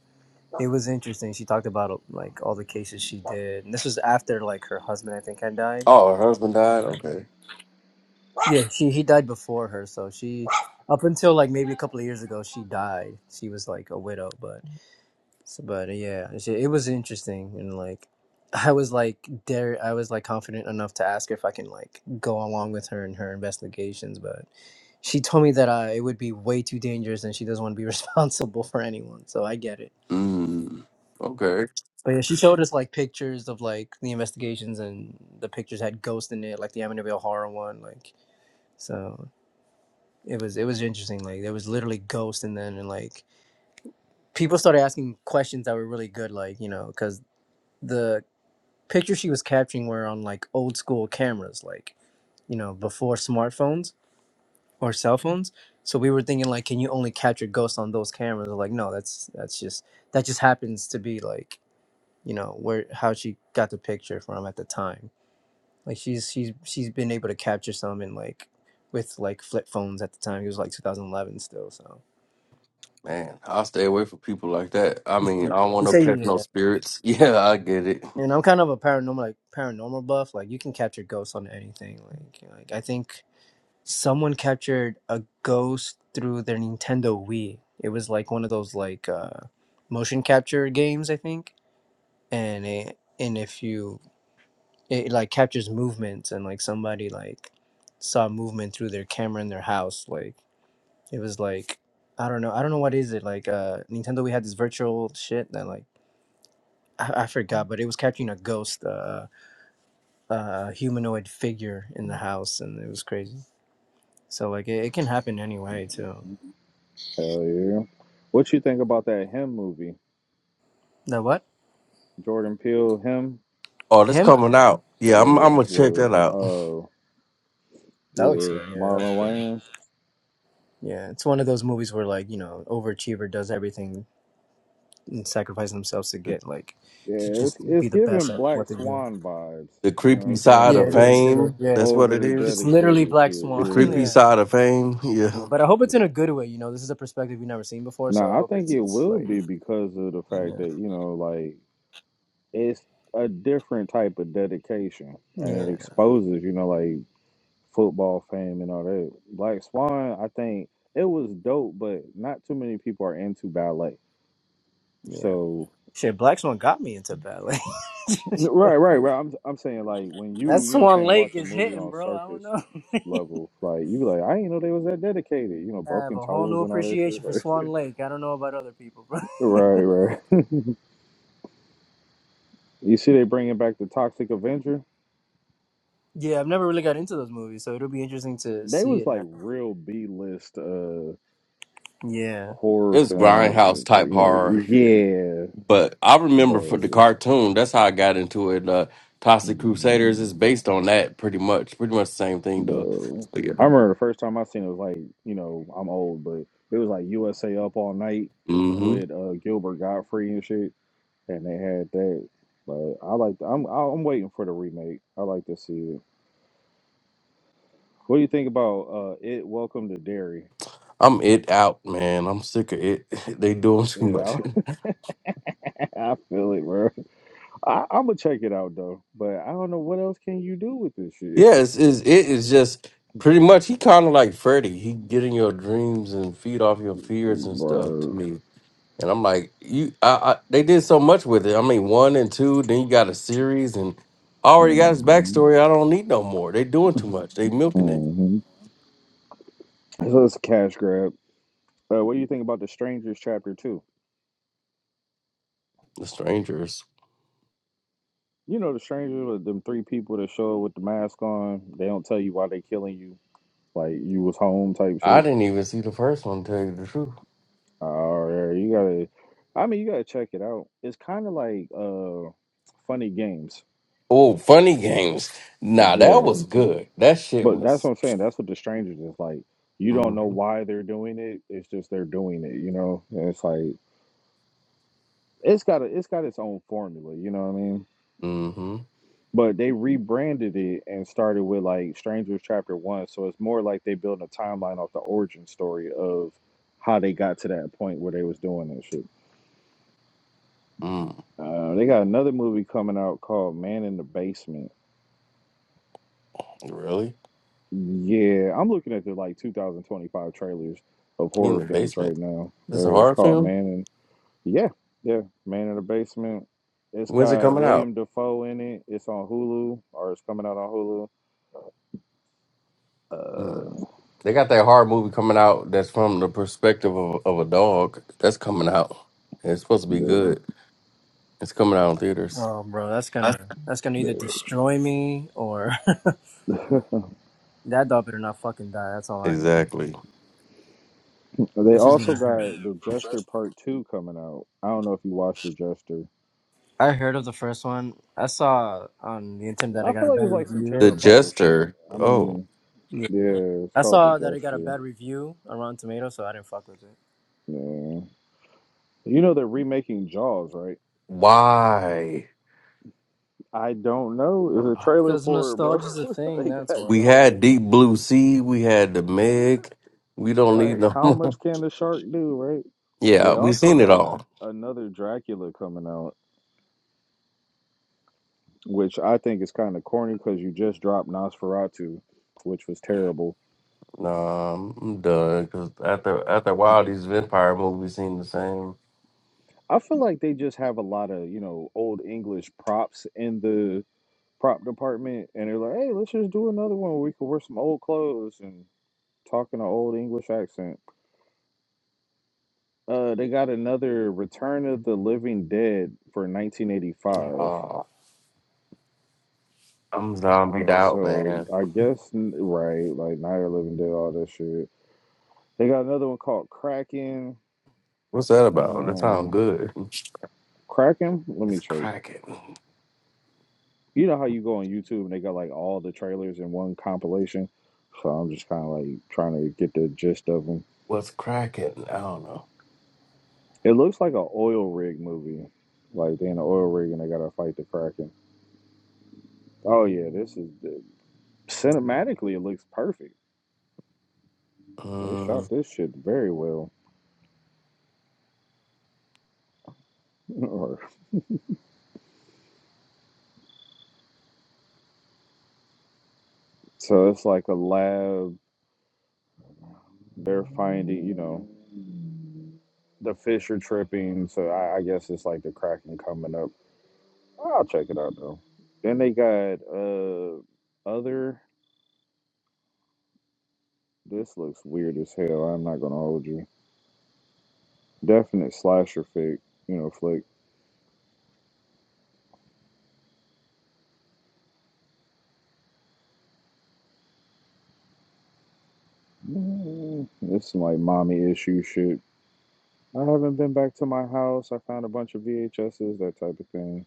it was interesting. She talked about like all the cases she did, and this was after like her husband, I think, had died.
Oh, her husband died. Okay.
Yeah, she he died before her, so she up until like maybe a couple of years ago, she died. She was like a widow, but So, but uh, yeah, it's- it was interesting, and like, *laughs* I was like dare, I was like confident enough to ask her if I can like go along with her in her investigations, but she told me that uh, it would be way too dangerous, and she doesn't want to be *laughs* responsible for anyone. So I get it.
Mm. Okay,
But yeah, she showed us like pictures of like the investigations, and the pictures had ghosts in it, like the Amityville horror one. Like, so it was it was interesting. Like, there was literally ghosts, and then and like people started asking questions that were really good, like you know, because. the. pictures she was capturing were on like old school cameras, like you know before smartphones or cell phones. So we were thinking like, can you only capture ghosts on those cameras? Like, no, that's that's just that just happens to be like you know where how she got the picture from at the time. Like she's she's she's been able to capture some in like with like flip phones at the time. It was like 2011 still, so
man. I'll stay away from people like that. I mean,
yeah.
I don't want
she
no
said
catch no
yeah.
spirits. *laughs* Yeah, I get it.
And I'm kind of a paranormal like paranormal buff. Like you can capture ghosts on anything. Like like I think Someone captured a ghost through their Nintendo Wii. It was like one of those like uh, motion capture games, I think. And it, and if you it like captures movements and like somebody like saw movement through their camera in their house. Like it was like I don't know. I don't know what is it like. Uh, Nintendo Wii had this virtual shit that like I, I forgot, but it was capturing a ghost, uh, uh, humanoid figure in the house, and it was crazy. So like it, it can happen
Hell
anyway too.
yeah. What you think about that him movie?
The what?
Jordan Peele him
Oh, that's
Him?
coming out. Yeah, I'm. I'm
or
gonna check that
with
out. *laughs*
uh
That looks
yeah
good. Yeah, that looks
Marlon
good.
Wayans?
Yeah, it's one of those movies where like you know, overachiever does everything and sacrifices themselves to
The,
get like to
Yeah, it's
just
it's
be the best
giving
at
Black
what they do.
Swan vibes.
the
You know what
creepy
I'm saying?
side
Yeah,
of
it
Like
is. It is.
fame.
Yeah,
That's what it
overly
is.
it's literally
dedicated shit.
Black
The
Swan. *laughs*
creepy
Yeah.
yeah.
side of fame,
Yeah,
yeah.
but I hope it's in a good way. You know, this is a perspective we have never seen before, so I
Nah, I
hope
think
it's
it
it's
will
like
be because of the
yeah,
fact that you know, like it's a different type of dedication,
yeah,
and it exposes you know like football fame and all that. Black Swan, I think it was dope, but not too many people are into ballet.
yeah.
So.
Shit, Black Swan got me into ballet. *laughs*
Right, right, right. I'm I'm saying like when
that
you, you know, what I'm
Swan
saying watch
Lake
a
is
movie
hitting,
on
bro. I don't
surface
know. *laughs*
level, like you be like, I didn't know they was that dedicated. You know,
I have
broken
a whole new
toes and all that shit.
appreciation for
Like,
Swan Lake. I don't know about other people, bro.
*laughs*
*laughs*
right, right. *laughs* you see, they bringing back the Toxic Avenger.
Yeah, I've never really got into those movies, so it'll be interesting to
They
see
was
it
like
now.
real B list uh
Yeah.
horror
It's grindhouse
film.
type
You know,
horror.
yeah,
But I remember for the
but
cartoon, that's how I got into it. Uh Toxic Crusaders
mm,
is based on that pretty much. Pretty much the same thing though.
no.
But yeah.
I remember the first time I seen it was like, you know, I'm old, but it was like USA Up All Night
hmm
with uh Gilbert Godfrey and shit. and they had that. But I like. I'm I'm waiting for the remake. I like to see it. What do you think about uh it? Welcome to Dairy.
I'm it out, man. I'm sick of it. *laughs* they doing too
You
much.
know,
*laughs*
*laughs* I feel it, bro. I, I'm gonna check it out though, but I don't know what else can you do with this shit,
Yes, is it's it is just pretty much he kinda like Freddy. He get in your dreams and feed off your
*laughs*
fears and stuff to
bro.
me. And I'm like, you, I, I, they did so much with it. I mean, one and two, then you got a series, and I already got his
hmm
backstory. I don't need no more. They doing too much. They milking it.
hmm So it's a cash grab. Uh, what do you think about the Strangers chapter two?
The strangers.
You know, the Strangers, with them three people that show up with the mask on. They don't tell you why they killing you. Like you was home type shit.
I didn't even see the first one. To tell you the truth.
All right, you gotta. I mean, you gotta check it out. It's kind of like uh, funny games.
Oh, funny games. Nah, that
Yeah,
was good. That shit
but that's what
was.
I'm saying. That's what the strangers is like. You don't know
Mm-hmm.
why they're doing it. It's just they're doing it. You know, and it's like it's got a, it's got its own formula. You know what I mean?
Mm-hmm.
But they rebranded it and started with like Strangers Chapter One, so it's more like they build a timeline off the origin story of how they got to that point where they was doing that shit.
Mm.
Uh, they got another movie coming out called Man in the Basement
Really?
Yeah, I'm looking at the like 2025 trailers of
He in
horror
the
films right
basement.
now.
This a
There, It's
horror
called
film.
Man in yeah, yeah, Man in the Basement. It's
When's it
got
coming out?
William Defoe in it. It's on Hulu or it's coming out on Hulu.
Mm.
Uh,
They got that horror movie coming out that's from the perspective of, of a dog. That's coming out. It's supposed to be
the,
good. It's coming out in theaters.
Oh, bro, that's gonna that's gonna either
the
destroy me or *laughs* that dog better not fucking die. That's all I know.
Exactly.
*laughs* they
That's just
also
gonna hurt.
got The Jester Part Two coming out. I don't know if you watched The Jester.
I heard of the first one. I saw on the internet that
I
I got
feel
a
like it's
bad
like some
review.
The
Terrifier shit.
Jester.
I
Oh,
mean,
Yeah.
yeah, it's
I
called The
saw that it got a
Jester.
bad review on Rotten Tomatoes, so I didn't fuck with it.
Yeah, you know they're remaking Jaws, right?
why?
I don't know. Is a trailer
Because
for it, bro. *laughs*
nostalgia's a thing.
they
That's
got
why.
We had
Jaws.
Deep Blue Sea. We had the Meg. We
Like,
don't need
like,
no
how much
more.
can the shark do, right?
*laughs*
They
yeah, we
also
seen it
got
all.
another Dracula coming out, which I think is kind of corny because you just dropped Nosferatu, which was terrible.
Nah, I'm done. Cause after after a while, these vampire movies seem the same.
I feel like they just have a lot of, you know, old English props in the prop department, and they're like, hey, let's just do another one where we can wear some old clothes and talk in an old English accent. Uh, they got another Return of the Living Dead for 1985.
Uh, I'm zombied out,
So
man.
I guess n- right, like Night of the Living Dead, all that shit. They got another one called Kraken.
What's that about? That sounds
Um,
good.
Kraken. Let me
It's
check.
cracking.
You know how you go on YouTube and they got like all the trailers in one compilation. So I'm just kind of like trying to get the gist of them.
What's cracking? I don't know.
It looks like an oil rig movie. Like they in an oil rig and they gotta fight the Kraken. Oh yeah, this is the, cinematically it looks perfect. They shot
Mm,
this shit very well. *laughs* so it's like a lab. They're finding, you know, the fish are tripping. So I, I guess it's like the Kraken coming up. I'll check it out though. Then they got uh other. This looks weird as hell. I'm not gonna hold you. Definite slasher flick, you know, flick. Mm, This is like mommy issue shit. I haven't been back to my house. I found a bunch of VHSs, that type of thing.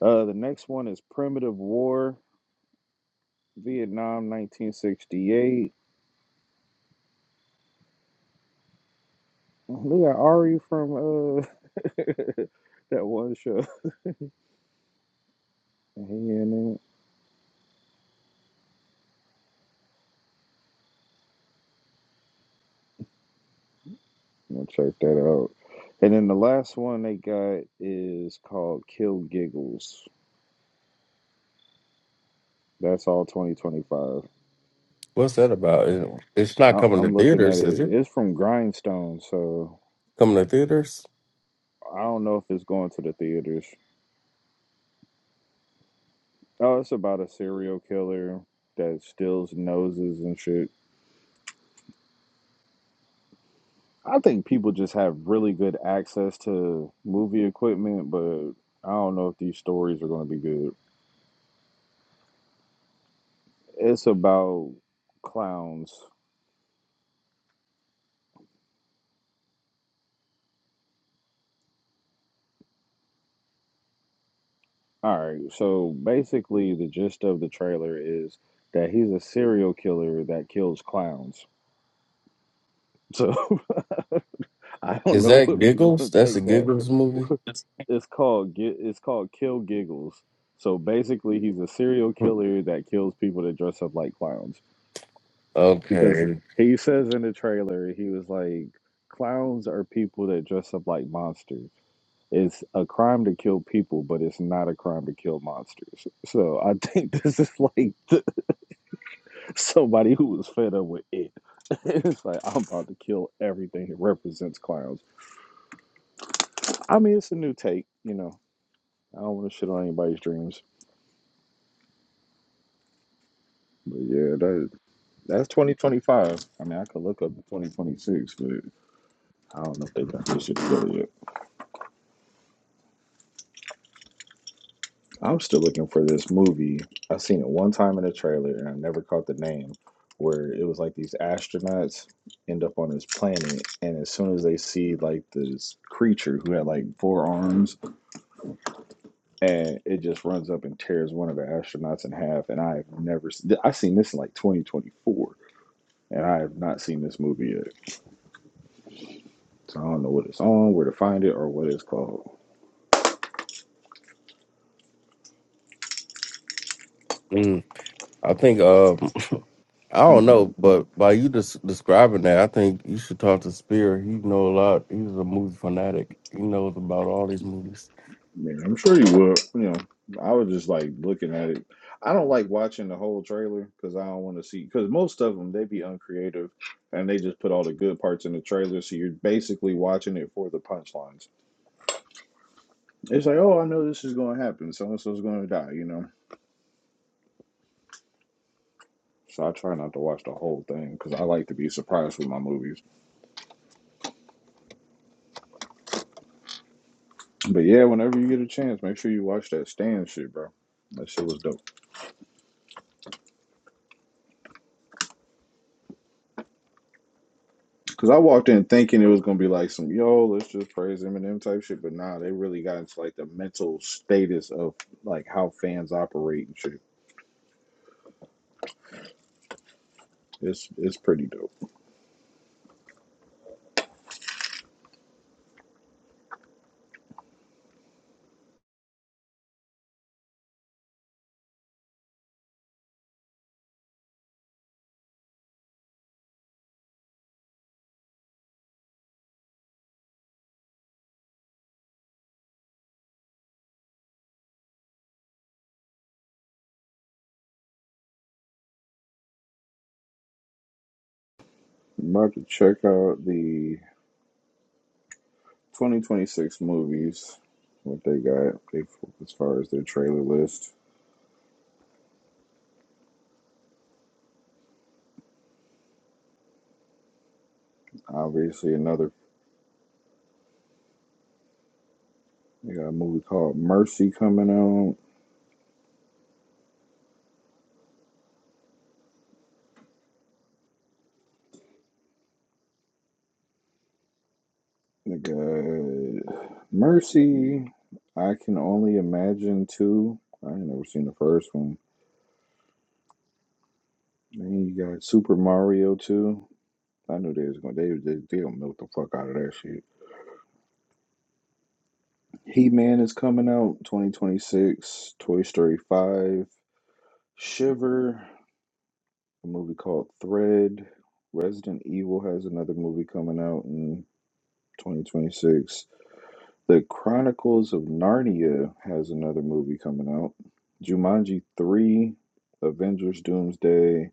Uh, the next one is Primitive War. Vietnam, 1968. They got Ari from uh *laughs* that one show. He in it. I'm gonna check that out. And then the last one they got is called Kill Giggles. That's all 2025.
what's that about? It- It's not
I,
coming to
I'm looking at
theaters, is
it.
it?
It's from Grindstone, so
Coming to theaters?
I don't know if it's going to the theaters. Oh, it's about a serial killer that steals noses and shit. I think people just have really good access to movie equipment, but I don't know if these stories are going to be good. It's about clowns. All right. So basically, the gist of the trailer is that he's a serial killer that kills clowns. So *laughs* I don't
Is
know
that
if you
Giggles?
would
That's a
take that. *laughs*
Giggles movie.
It's called Gi- it's called Kill Giggles. So basically, he's a serial killer that kills people that dress up like clowns. because
Okay.
he says in the trailer he was like clowns are people that dress up like monsters it's a crime to kill people but it's not a crime to kill monsters so i think *laughs* this is like th- somebody who was fed up with it *laughs* it's like i'm about to kill everything that represents clowns i mean it's a new take you know i don't want to shit on anybody's dreams but yeah that, that's 2025 i mean i could look up to 2026 but i don't know if they got this shit together yet I'm still looking for this movie. I have seen it one time in a trailer and I never caught the name. Where it was like these astronauts end up on this planet, and as soon as they see like this creature who had like four arms, and it just runs up and tears one of the astronauts in half. And I have never, s- I seen this in like 2024, and I have not seen this movie yet. So I don't know what it's on, where to find it, or what it's called.
Mm, I think. Um, *laughs* I don't
Mm-hmm.
know, but by you des- describing that, I think you should talk to Spear. He know a lot. He's a movie fanatic. He knows about all these movies.
Yeah, I'm sure you would. You know, I was just like looking at it. I don't like watching the whole trailer because I don't want to see. Because most of them they be uncreative, and they just put all the good parts in the trailer. So you're basically watching it for the punchlines. It's like, oh, I know this is going to happen. So and so's going to die. You know. So I try not to watch the whole thing because I like to be surprised with my movies. But yeah, whenever you get a chance, make sure you watch that Stan shit, bro. That shit was dope. Because I walked in thinking it was gonna be like some yo, let's just praise Eminem type shit, but nah, they really got into like the mental status of like how fans operate and shit. It's it's pretty dope. I'm about to check out the 2026 movies, what they got they, as far as their trailer list. Obviously, another they got a movie called Mercy coming out. They got Mercy. I can only imagine two. I ain't never seen the first one. Then you got Super Mario too. I knew they was gonna they they they gonna milk the fuck out of that shit. He Man is coming out 2026. Toy Story 5. Shiver. A movie called Thread. Resident Evil has another movie coming out in 2026. The Chronicles of Narnia has another movie coming out. Jumanji 3, Avengers Doomsday,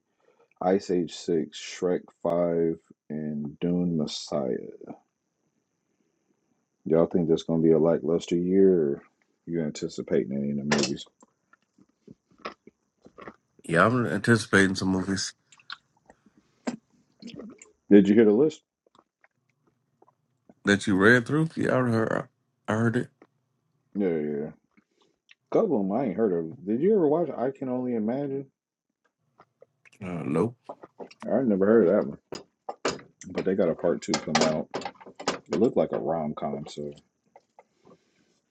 Ice Age 6, Shrek 5, and Dune Messiah. Y'all think that's going to be a lackluster year, or you anticipating any of the movies?
Yeah, I'm anticipating some movies
Did you hear the list?
that you read through. Yeah, I heard. I heard it.
Yeah, yeah. yeah. couple of them I ain't heard of. Did you ever watch I Can Only Imagine?
Uh, nope,
I never heard of that one, but they got a part two coming out. It looked like a rom com, so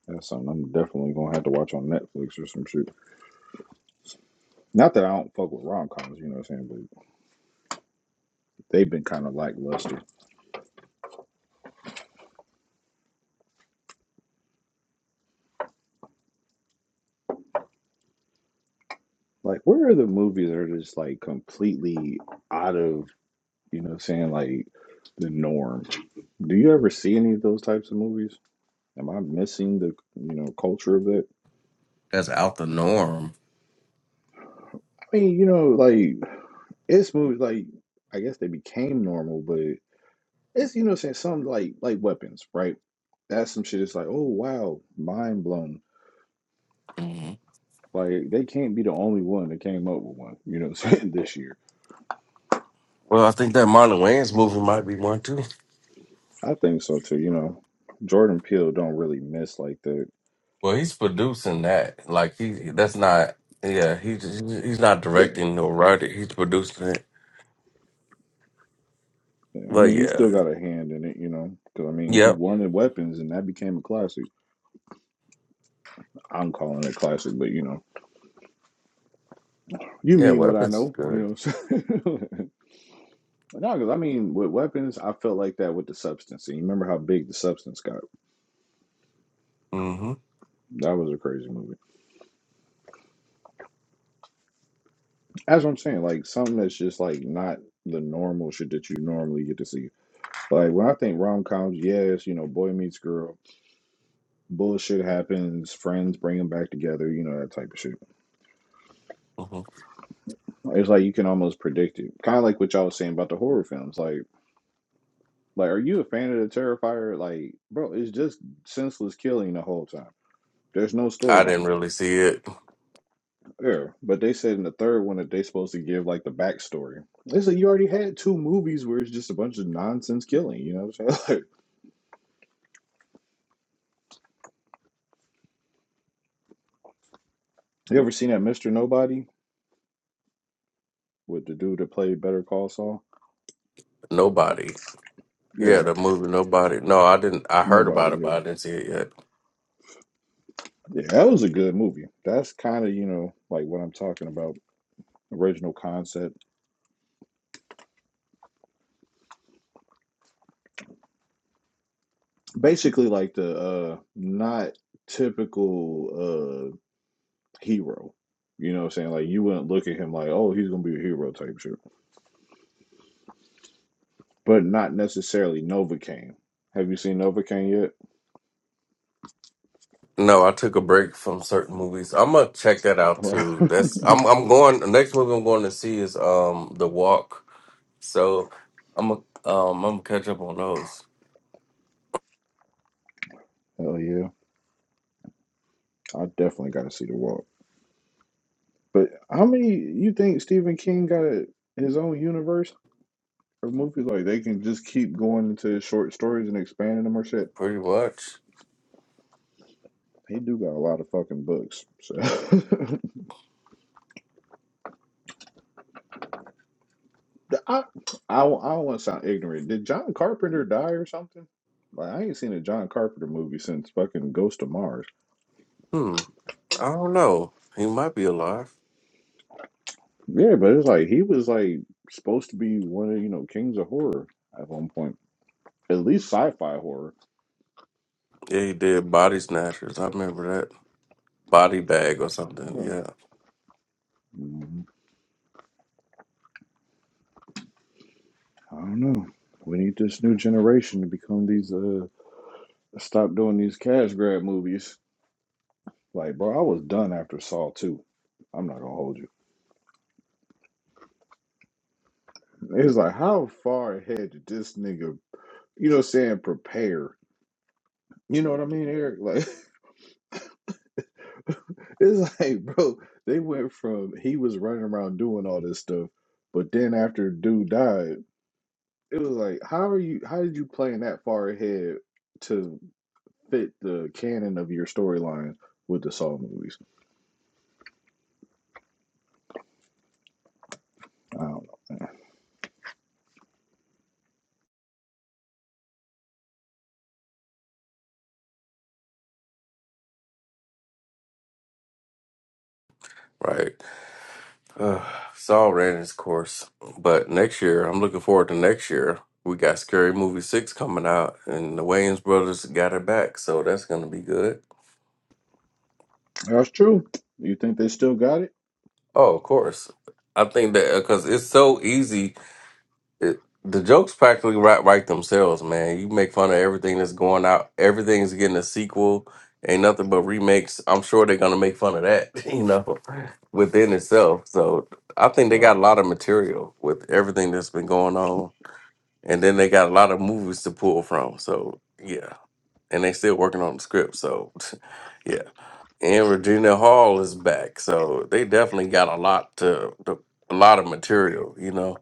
that's something I'm definitely going to have to watch on Netflix or some shit. Not that I don't fuck with rom coms, you know what I'm saying, but they've been kind of lackluster. Like, where are the movies that are just like completely out of You know what I'm saying? Like the norm. Do you ever see any of those types of movies? Am I missing the you know culture of it?
that's out the norm.
I mean, you know, like it's movies like I guess they became normal, but it's you know what I'm saying some like like weapons, right? That's some shit. It's like oh wow, mind blown.
Mhm.
Like they can't be the only one that came up with one. You know what I'm saying *laughs* this year.
Well, I think that Marlon Wayans movie might be one too.
I think so too. You know, Jordan Peele don't really miss like that.
Well, he's producing that. Like he, that's not. Yeah, he's he's not
Yeah,
directing or writing. He's producing it.
Yeah, I
But
mean, he
yeah,
still got a hand in it, you know, because I mean, he
yep,
wanted weapons, and that became a classic. I'm calling it classic, but you know, you
yeah.
mean what I
Weapons is
know, you
good.
know. So *laughs* no, because I mean, with weapons, I felt like that with the substance. And you remember how big the substance got?
Mm-hmm.
That was a crazy movie. That's what I'm saying. Like something that's just like not the normal shit that you normally get to see. Like when I think rom coms, yes, you know, boy meets girl, bullshit happens, friends bring them back together, you know, that type of shit.
hmm
It's like you can almost predict it. Kind of like what y'all was saying about the horror films. Like, like, are you a fan of the Terrifier? Like, bro, it's just senseless killing the whole time. There's no
I didn't
storyline.
really see it.
Yeah, but they said in the third one that they supposed to give like the backstory. It's like you already had two movies where it's just a bunch of nonsense killing. You know what I'm saying? *laughs* Like, you ever seen that Mr. Nobody with the dude that played Better Call Saul?
Nobody. Yeah,
Yeah,
the movie Nobody. No, I didn't. I heard
nobody.
about it, but
Yeah,
I didn't see it yet.
yeah, that was a good movie. That's kind of you know like what I'm talking about. Original concept basically like the uh not typical uh hero. You know what I'm saying? Like you wouldn't look at him like, oh, he's gonna be a hero type shit. But not necessarily Novocaine. Have you seen Novocaine yet?
No, I took a break from certain movies. I'm gonna check that out too.
*laughs*
That's I'm I'm going. The next movie I'm going to see is um The Walk So I'm a- um I'm gonna catch up on those
Hell yeah. I definitely gotta see the walk. But how many you think Stephen King got a, his own universe of movies? Like they can just keep going into short stories and expanding them or shit.
pretty much.
He do got a lot of fucking books. So *laughs* The- I, I, don't- I don't want to sound ignorant. Did John Carpenter die or something? Like I ain't seen a John Carpenter movie since fucking Ghost of Mars.
Hmm. I don't know. He might be alive.
Yeah, but it's like he was like supposed to be one of you know kings of horror at one point, at least sci-fi horror.
Yeah, he did body snatchers. I remember that body bag or something.
Yeah.
Yeah,
Mm, I don't know. We need this new generation to become these. uh Stop doing these cash grab movies. Like, bro, I was done after Saw two. I'm not gonna hold you. It's like how far ahead did this nigga, you know, what I'm saying prepare? You know what I mean, Eric? Like *laughs* it's like, bro, they went from he was running around doing all this stuff, but then after dude died, it was like, how are you? How did you plan that far ahead to fit the canon of your storyline with the Saw movies? I don't
right. Uh, it's all ran its course. But next year, I'm looking forward to next year. We got Scary Movie six coming out, and the Wayans brothers got it back, so that's gonna be good.
know. That's true. You think they still got it?
Oh, of course. I think that because it's so easy it, the jokes practically write, write themselves, man. You make fun of everything that's going out. Everything's getting a sequel. Ain't nothing but remakes. I'm sure they're gonna make fun of that, *laughs* you know, within itself. So I think they got
Right.
a lot of material with everything that's been going on, and then they got a lot of movies to pull from. So yeah, and they still working on the script. So *laughs* yeah, and Regina Hall is back. So they definitely got a lot to, to a lot of material, you know.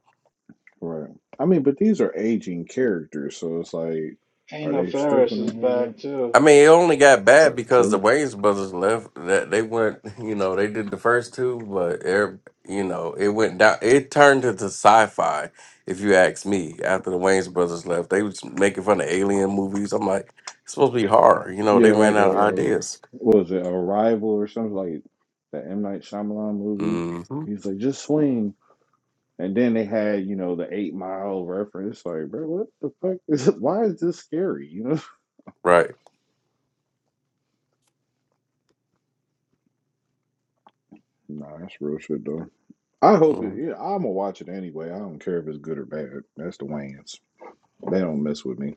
Right. I mean, but these are aging characters, so it's like, are
Ain't
they still
Ferris
gonna
is
have that?
back too.
I mean, it only got bad
That's
because the
true.
Wayne's brothers left. That they went, *laughs* you know, they did the first two, but er- you know, it went down. It turned into sci-fi, if you ask me. After the Wayne's brothers left, they was making fun of alien movies. I'm like, it's supposed to be horror, you know. They
Yeah, like
ran out of
a
ideas.
what was it, Arrival or something like the M Night Shyamalan movie.
hmm
He's like, just swing, and then they had you know the Eight Mile reference. Like, bro, what the fuck is? *laughs* Why is this scary? You know? *laughs*
Right.
Nah, that's real shit though. I hope it.
Mhm.
Yeah, I'm gonna watch it anyway. I don't care if it's good or bad. That's the Wayans. They don't mess with me.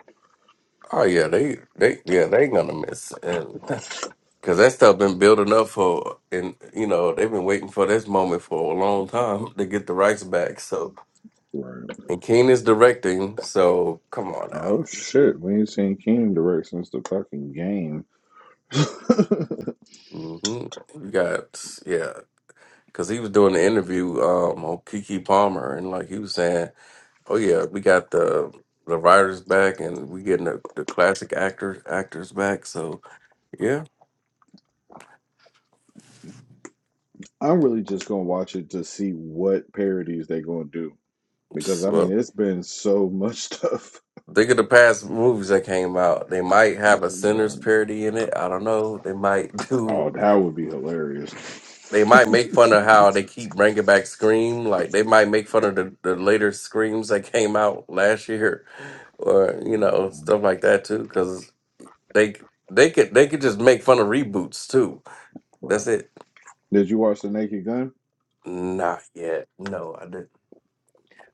Oh yeah, they they yeah they ain't gonna miss, and because *laughs* that stuff been building up for, and you know they've been waiting for this moment for a long time *laughs* to get the rights back. So.
Right.
And Keen is directing, so come on now.
Oh shit, we ain't seen Keenan direct since the fucking game.
hmm You got yeah, because he was doing the interview um, on Kiki Palmer, and like he was saying, oh yeah, we got the the writers back, and we getting the, the classic actors actors back. So yeah,
*laughs* I'm really just gonna watch it to see what parodies they gonna do Because
Psst,
I
well.
mean, it's been so much stuff.
Think of the past movies that came out. They might
*laughs*
have
oh,
a sinner's parody in it. I don't know. They might *laughs* do
that would be hilarious. *laughs*
They might make fun of how they keep bringing back Scream. Like they might make fun of the, the later Screams that came out last year, or you know stuff like that too. Because they they could they could just make fun of reboots too.
Bruh.
That's it.
Did you watch the Naked Gun,
Not yet. No, I didn't.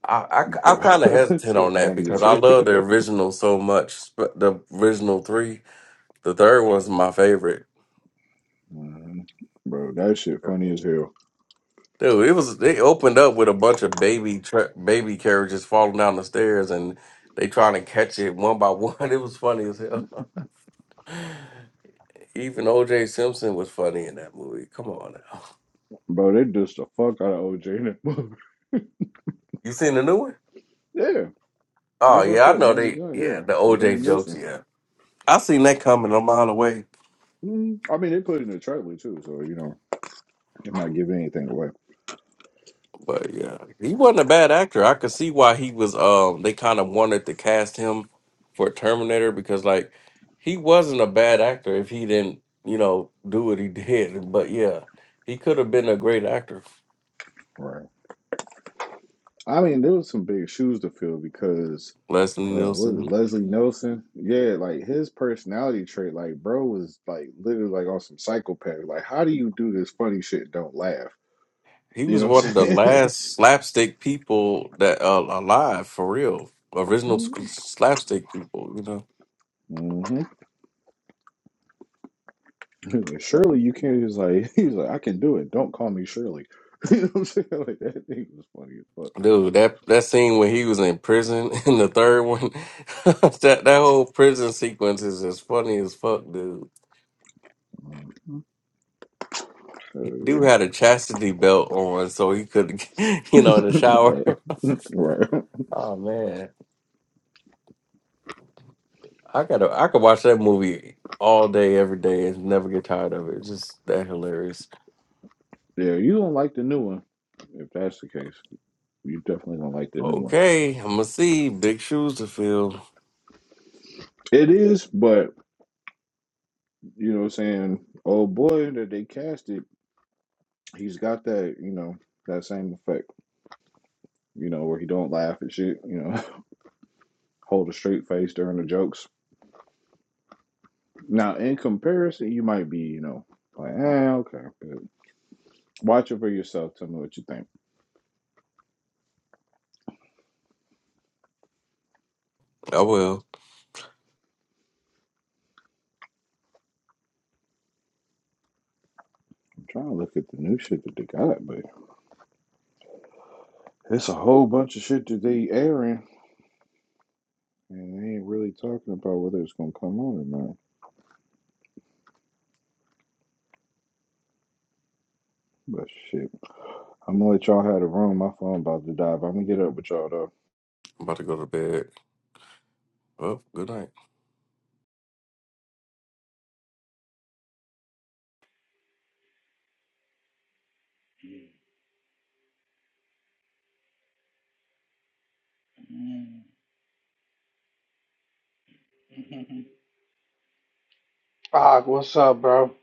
I I,
bro? *laughs*
kind of
that
hesitant
shit
on that
funny as
because I
hell,
love the
*laughs*
original so much. sp- The original three. The third one's my favorite.
Mhm. bro. That shit funny as hell,
Dude, it was they opened up with a bunch of baby tra- baby carriages falling down the stairs, and they trying to catch it one by one. *laughs* It was funny as hell. *laughs* Even O.J. Simpson was funny in that movie. Come on now,
bro. They just the fuck out of OJ. in that movie.
*laughs* you seen the new one?
*laughs* yeah,
Oh
that's what I
yeah, I
said.
know
Naked
they.
Gun,
Yeah,
yeah.
the
Well,
O.J.
Liam
jokes.
Neeson.
Yeah, I seen that coming a mile away.
Mm, I mean, they put it in the trailer too, so you know, they're not giving anything away,
But yeah, he wasn't a bad actor. I could see why he was. Um, they kind of wanted to cast him for Terminator because like he wasn't a bad actor if he didn't, you know, do what he *laughs* did. But yeah, he could have been a great actor.
right? I mean, there was some big shoes to fill because
Leslie
uh what was it,
Nielsen.
Leslie Nelson? Yeah, like his personality trait, like bro was like literally like on some psychopath. Like, how do you do this funny shit and don't laugh?
He
You
was
know what
one
I'm
of the
saying?
last slapstick people that uh, alive for real. Original s-
*laughs*
slapstick people, you know.
hmm Surely you can't just like *laughs* he's like, I can do it. Don't call me Shirley. *laughs* You know what I'm saying? Like that thing was funny as fuck.
Dude, that that scene when he was in prison *laughs* in the third one, *laughs* that that whole prison sequence is as funny as fuck, dude.
Mhm.
Dude
So,
had a chastity belt on, so he could, *laughs* you know, in the
*laughs*
shower.
right,
*laughs*
right.
Oh man, I gotta, I could watch that movie all day, every day, and never get tired of it. It's just that hilarious.
Yeah, you don't like the new one. If that's the case, you definitely don't like the new one.
Okay, I'm gonna see big shoes to fill.
It is, but you know what I'm saying, old boy that they casted, he's got that, you know, that same effect, you know, where he don't laugh at shit, you know, *laughs* hold a straight face during the jokes. Now, in comparison, you might be, you know, like, eh, okay, but watch it for yourself. Tell me what you think.
I will.
I'm trying to look at the new shit that they got, but it's a whole bunch of shit that they airing, and they ain't really talking about whether it's gonna come on or not. But shit, I'm gonna let y'all have the room. My phone about to die, but I'm gonna get up with y'all though.
I'm about to go to bed. Well, good night.
Mm. *laughs* Og, what's up, bro?